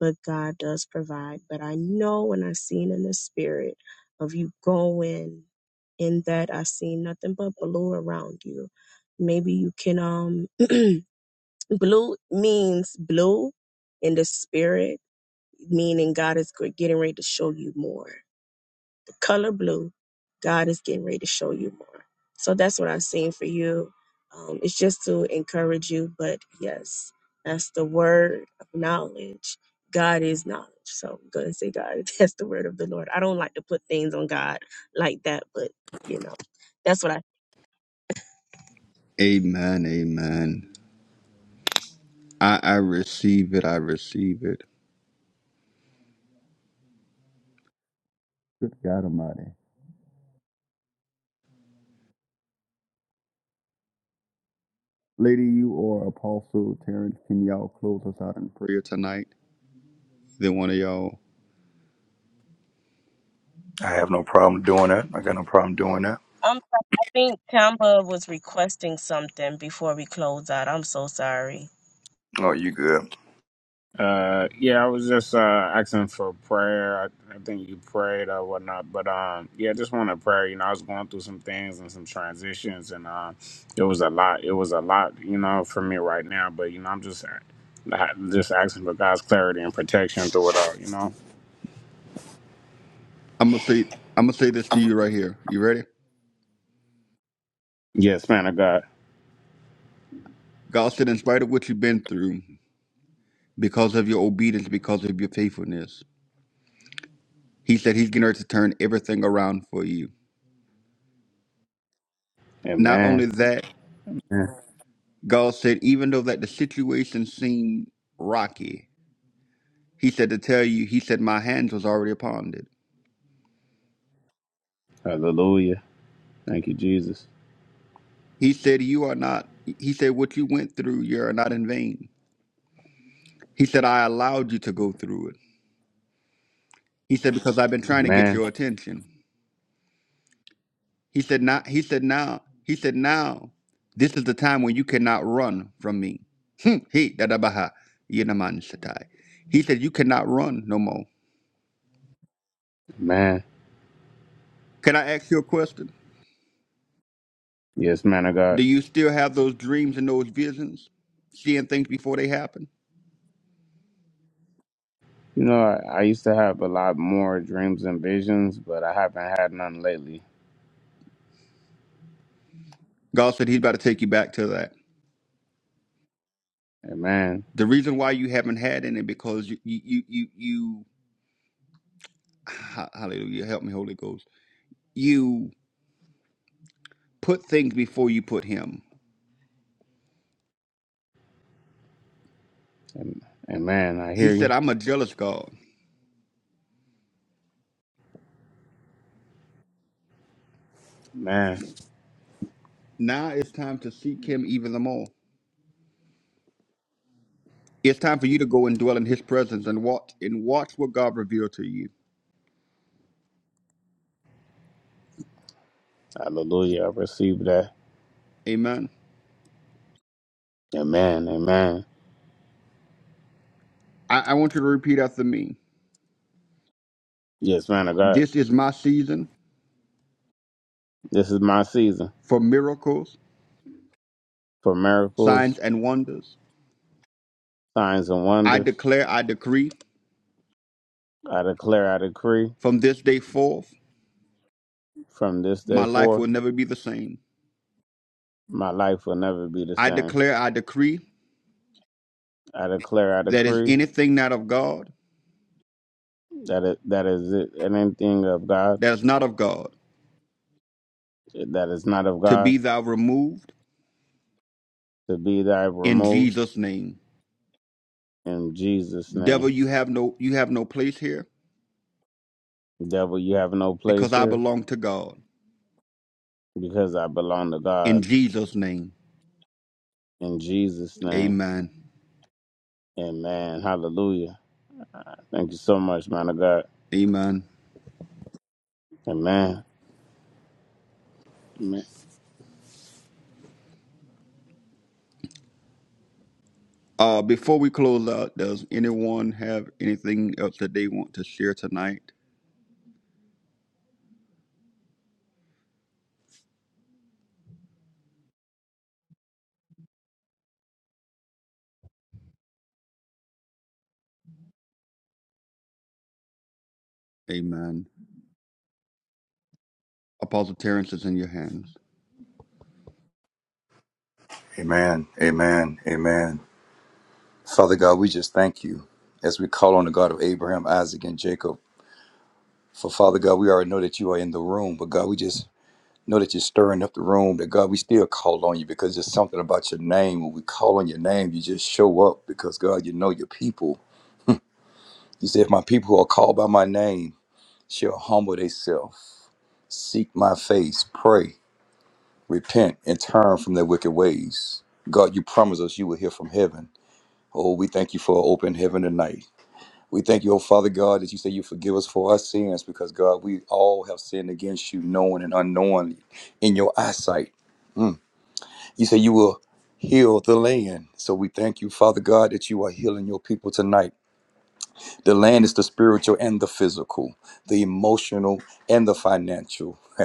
S6: but God does provide. But I know and I seen in the spirit of you going in that I seen nothing but blue around you. Maybe you can um blue means blue in the spirit, meaning God is g- getting ready to show you more color blue, God is getting ready to show you more. So that's what I've seen for you. Um, it's just to encourage you, but yes, that's the word of knowledge. God is knowledge. So I'm going to say, God, that's the word of the Lord. I don't like to put things on God like that, but you know, that's what I.
S1: Amen. Amen. I, I receive it. I receive it. Good God Almighty. Lady, you or Apostle Terrence, can y'all close us out in prayer tonight? Either one of y'all.
S5: I have no problem doing that. I got no problem doing that.
S6: Um, I think Kamba was requesting something before we close out. I'm so sorry.
S5: Oh, you good.
S7: Uh, yeah, I was just uh, asking for prayer. I, I think you prayed or whatnot, but um, yeah, just want a prayer. You know, I was going through some things and some transitions, and uh, it was a lot. It was a lot, you know, for me right now. But you know, I'm just just asking for God's clarity and protection through it all. You know.
S1: I'm gonna say I'm gonna say this to you right here. You ready?
S7: Yes, man of God.
S1: God said, in spite of what you've been through, because of your obedience, because of your faithfulness, He said He's gonna to turn everything around for you. Not
S7: Amen.
S1: only that,
S7: Amen.
S1: God said, even though that the situation seemed rocky, He said to tell you, He said, My hands was already upon it.
S7: Hallelujah. Thank you, Jesus.
S1: He said, You are not He said, What you went through, you are not in vain. He said, I allowed you to go through it. He said, because I've been trying to get
S7: Amen.
S1: your attention. He said, "Not." he said, now, he said, now, this is the time when you cannot run from me. Hmm, He, dadabaha, yenaman satai. He said, you cannot run no more.
S7: Amen.
S1: Can I ask you a question?
S7: Yes, man of God.
S1: Do you still have those dreams and those visions, seeing things before they happen?
S7: You know, I, I used to have a lot more dreams and visions, but I haven't had none lately.
S1: God said he's about to take you back to that.
S7: Amen.
S1: The reason why you haven't had any because you, you, you, you, you hallelujah, help me, Holy Ghost. You. Put things before you put him.
S7: Am- Amen. I
S1: He
S7: hear
S1: said,
S7: you.
S1: I'm a jealous God.
S7: Man.
S1: Now it's time to seek him even the more. It's time for you to go and dwell in his presence and watch and watch what God revealed to you.
S7: Hallelujah. I receive that.
S1: Amen.
S7: Amen. Amen.
S1: I, I want you to repeat after me.
S7: Yes, man of God.
S1: This is my season
S7: This is my season
S1: for miracles,
S7: for
S1: signs,
S7: miracles,
S1: and wonders.
S7: signs, and
S1: I
S7: wonders.
S1: declare, I decree,
S7: I declare, I decree
S1: from this day forth,
S7: from this
S1: my
S7: day
S1: life
S7: forth,
S1: will never be the same.
S7: my life will never be the
S1: I
S7: same.
S1: declare, I decree,
S7: I declare, I
S1: that is
S7: decree
S1: anything not of God,
S7: that it, that is it, anything of God
S1: that is not of God,
S7: that is not of
S1: to
S7: God
S1: be thou removed
S7: to be thy
S1: in
S7: removed.
S1: Jesus' name.
S7: in Jesus'
S1: Devil,
S7: name.
S1: you have no you have no place here
S7: Devil, you have no place
S1: because I
S7: here
S1: belong to God.
S7: because I belong to
S1: In
S7: God
S1: Jesus' name.
S7: in Jesus' name.
S1: Amen.
S7: Amen. Hallelujah. Thank you so much, man of God.
S1: Amen.
S7: Amen. Amen.
S1: Uh before we close out, does anyone have anything else that they want to share tonight? Amen. Apostle Terrence is in your hands.
S5: Amen. Amen. Amen. Father God, we just thank you as we call on the God of Abraham, Isaac, and Jacob. For Father God, we already know that you are in the room, but God, we just know that you're stirring up the room. That God, we still call on you because there's something about your name. When we call on your name, you just show up because God, you know your people. You say, if my people who are called by my name shall humble themselves, seek my face, pray, repent, and turn from their wicked ways. God, you promise us you will hear from heaven. Oh, we thank you for an open heaven tonight. We thank you, oh Father God, that you say you forgive us for our sins because, God, we all have sinned against you, knowing and unknowingly, in your eyesight. Mm. You say you will heal the land. So we thank you, Father God, that you are healing your people tonight. The land is the spiritual and the physical, the emotional and the financial.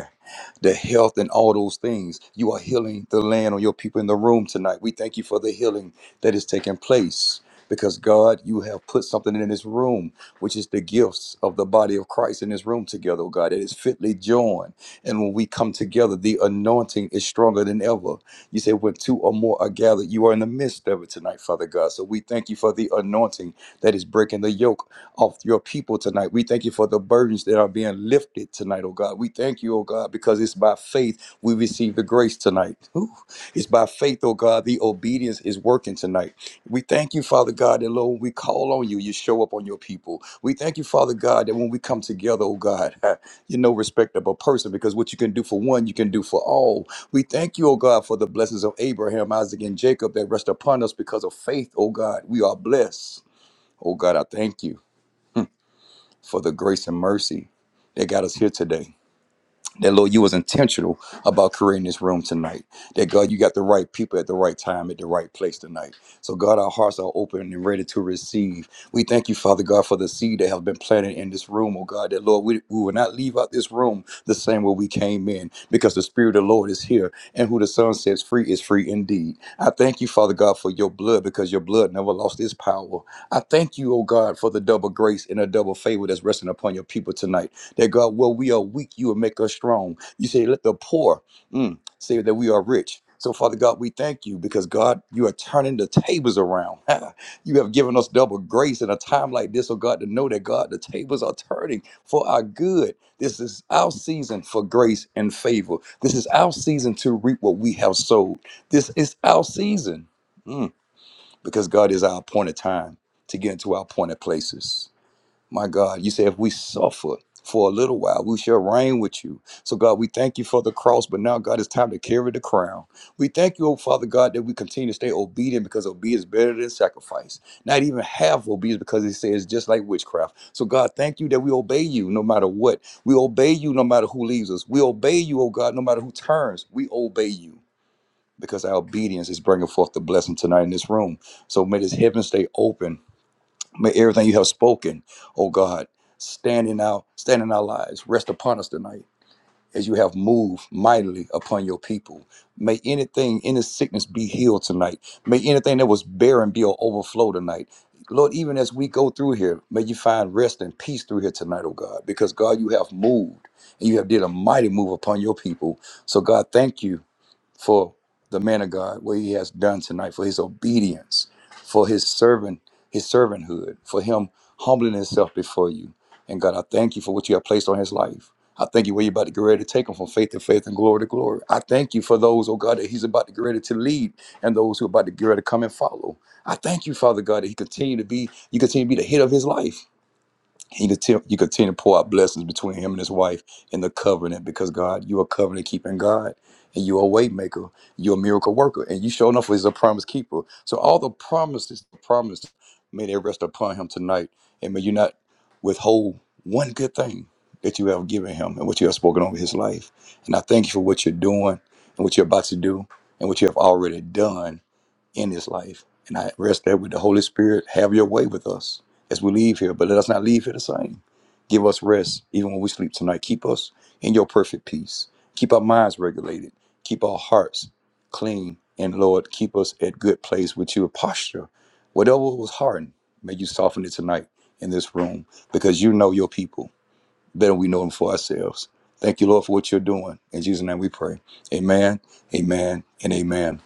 S5: the health and all those things. You are healing the land on your people in the room tonight. We thank you for the healing that is taking place because God, you have put something in this room, which is the gifts of the body of Christ in this room together, oh God. It is fitly joined. And when we come together, the anointing is stronger than ever. You say, when two or more are gathered, you are in the midst of it tonight, Father God. So we thank you for the anointing that is breaking the yoke of your people tonight. We thank you for the burdens that are being lifted tonight, oh God. We thank you, oh God, because it's by faith we receive the grace tonight. Ooh. It's by faith, oh God, the obedience is working tonight. We thank you, Father God, that Lord, when we call on you, you show up on your people. We thank you, Father God, that when we come together, oh God, you're no respectable person because what you can do for one, you can do for all. We thank you, oh God, for the blessings of Abraham, Isaac, and Jacob that rest upon us because of faith, oh God. We are blessed. Oh God, I thank you for the grace and mercy that got us here today that Lord, you was intentional about creating this room tonight. That God, you got the right people at the right time at the right place tonight. So God, our hearts are open and ready to receive. We thank you, Father God, for the seed that have been planted in this room, oh God. That Lord, we, we will not leave out this room the same way we came in, because the Spirit of the Lord is here, and who the Son sets free is free indeed. I thank you, Father God, for your blood, because your blood never lost its power. I thank you, oh God, for the double grace and a double favor that's resting upon your people tonight. That God, where we are weak, you will make us strong. You say, let the poor mm, say that we are rich. So, Father God, we thank you because God, you are turning the tables around. you have given us double grace in a time like this, oh God, to know that God, the tables are turning for our good. This is our season for grace and favor. This is our season to reap what we have sowed. This is our season mm, because God is our appointed time to get into our appointed places. My God, you say if we suffer for a little while, we shall reign with you. So, God, we thank you for the cross, but now, God, it's time to carry the crown. We thank you, oh Father God, that we continue to stay obedient because obedience is better than sacrifice. Not even half obedience because it says just like witchcraft. So, God, thank you that we obey you no matter what. We obey you no matter who leaves us. We obey you, oh God, no matter who turns. We obey you because our obedience is bringing forth the blessing tonight in this room. So, may this heaven stay open May everything you have spoken, oh God, stand in our stand in our lives. Rest upon us tonight as you have moved mightily upon your people. May anything, any sickness be healed tonight. May anything that was barren be an overflow tonight. Lord, even as we go through here, may you find rest and peace through here tonight, oh God, because God, you have moved and you have did a mighty move upon your people. So God, thank you for the man of God, what he has done tonight, for his obedience, for his servant, his servanthood, for him humbling himself before you. And God, I thank you for what you have placed on his life. I thank you where you're about to get ready to take him from faith to faith and glory to glory. I thank you for those, oh God, that he's about to get ready to lead and those who are about to get ready to come and follow. I thank you, Father God, that he continue to be, you continue to be the head of his life. He continue, you continue to pour out blessings between him and his wife in the covenant because God, you are covenant keeping God and you're a way maker, you're a miracle worker, and you show enough is a promise keeper. So all the promises, the promise, may they rest upon him tonight. And may you not withhold one good thing that you have given him and what you have spoken over his life. And I thank you for what you're doing and what you're about to do and what you have already done in this life. And I rest there with the Holy Spirit. Have your way with us as we leave here, but let us not leave here the same. Give us rest even when we sleep tonight. Keep us in your perfect peace. Keep our minds regulated. Keep our hearts clean. And Lord, keep us at good place with your posture. Whatever was hardened, may you soften it tonight in this room because you know your people better than we know them for ourselves. Thank you, Lord, for what you're doing. In Jesus' name we pray. Amen, amen, and amen.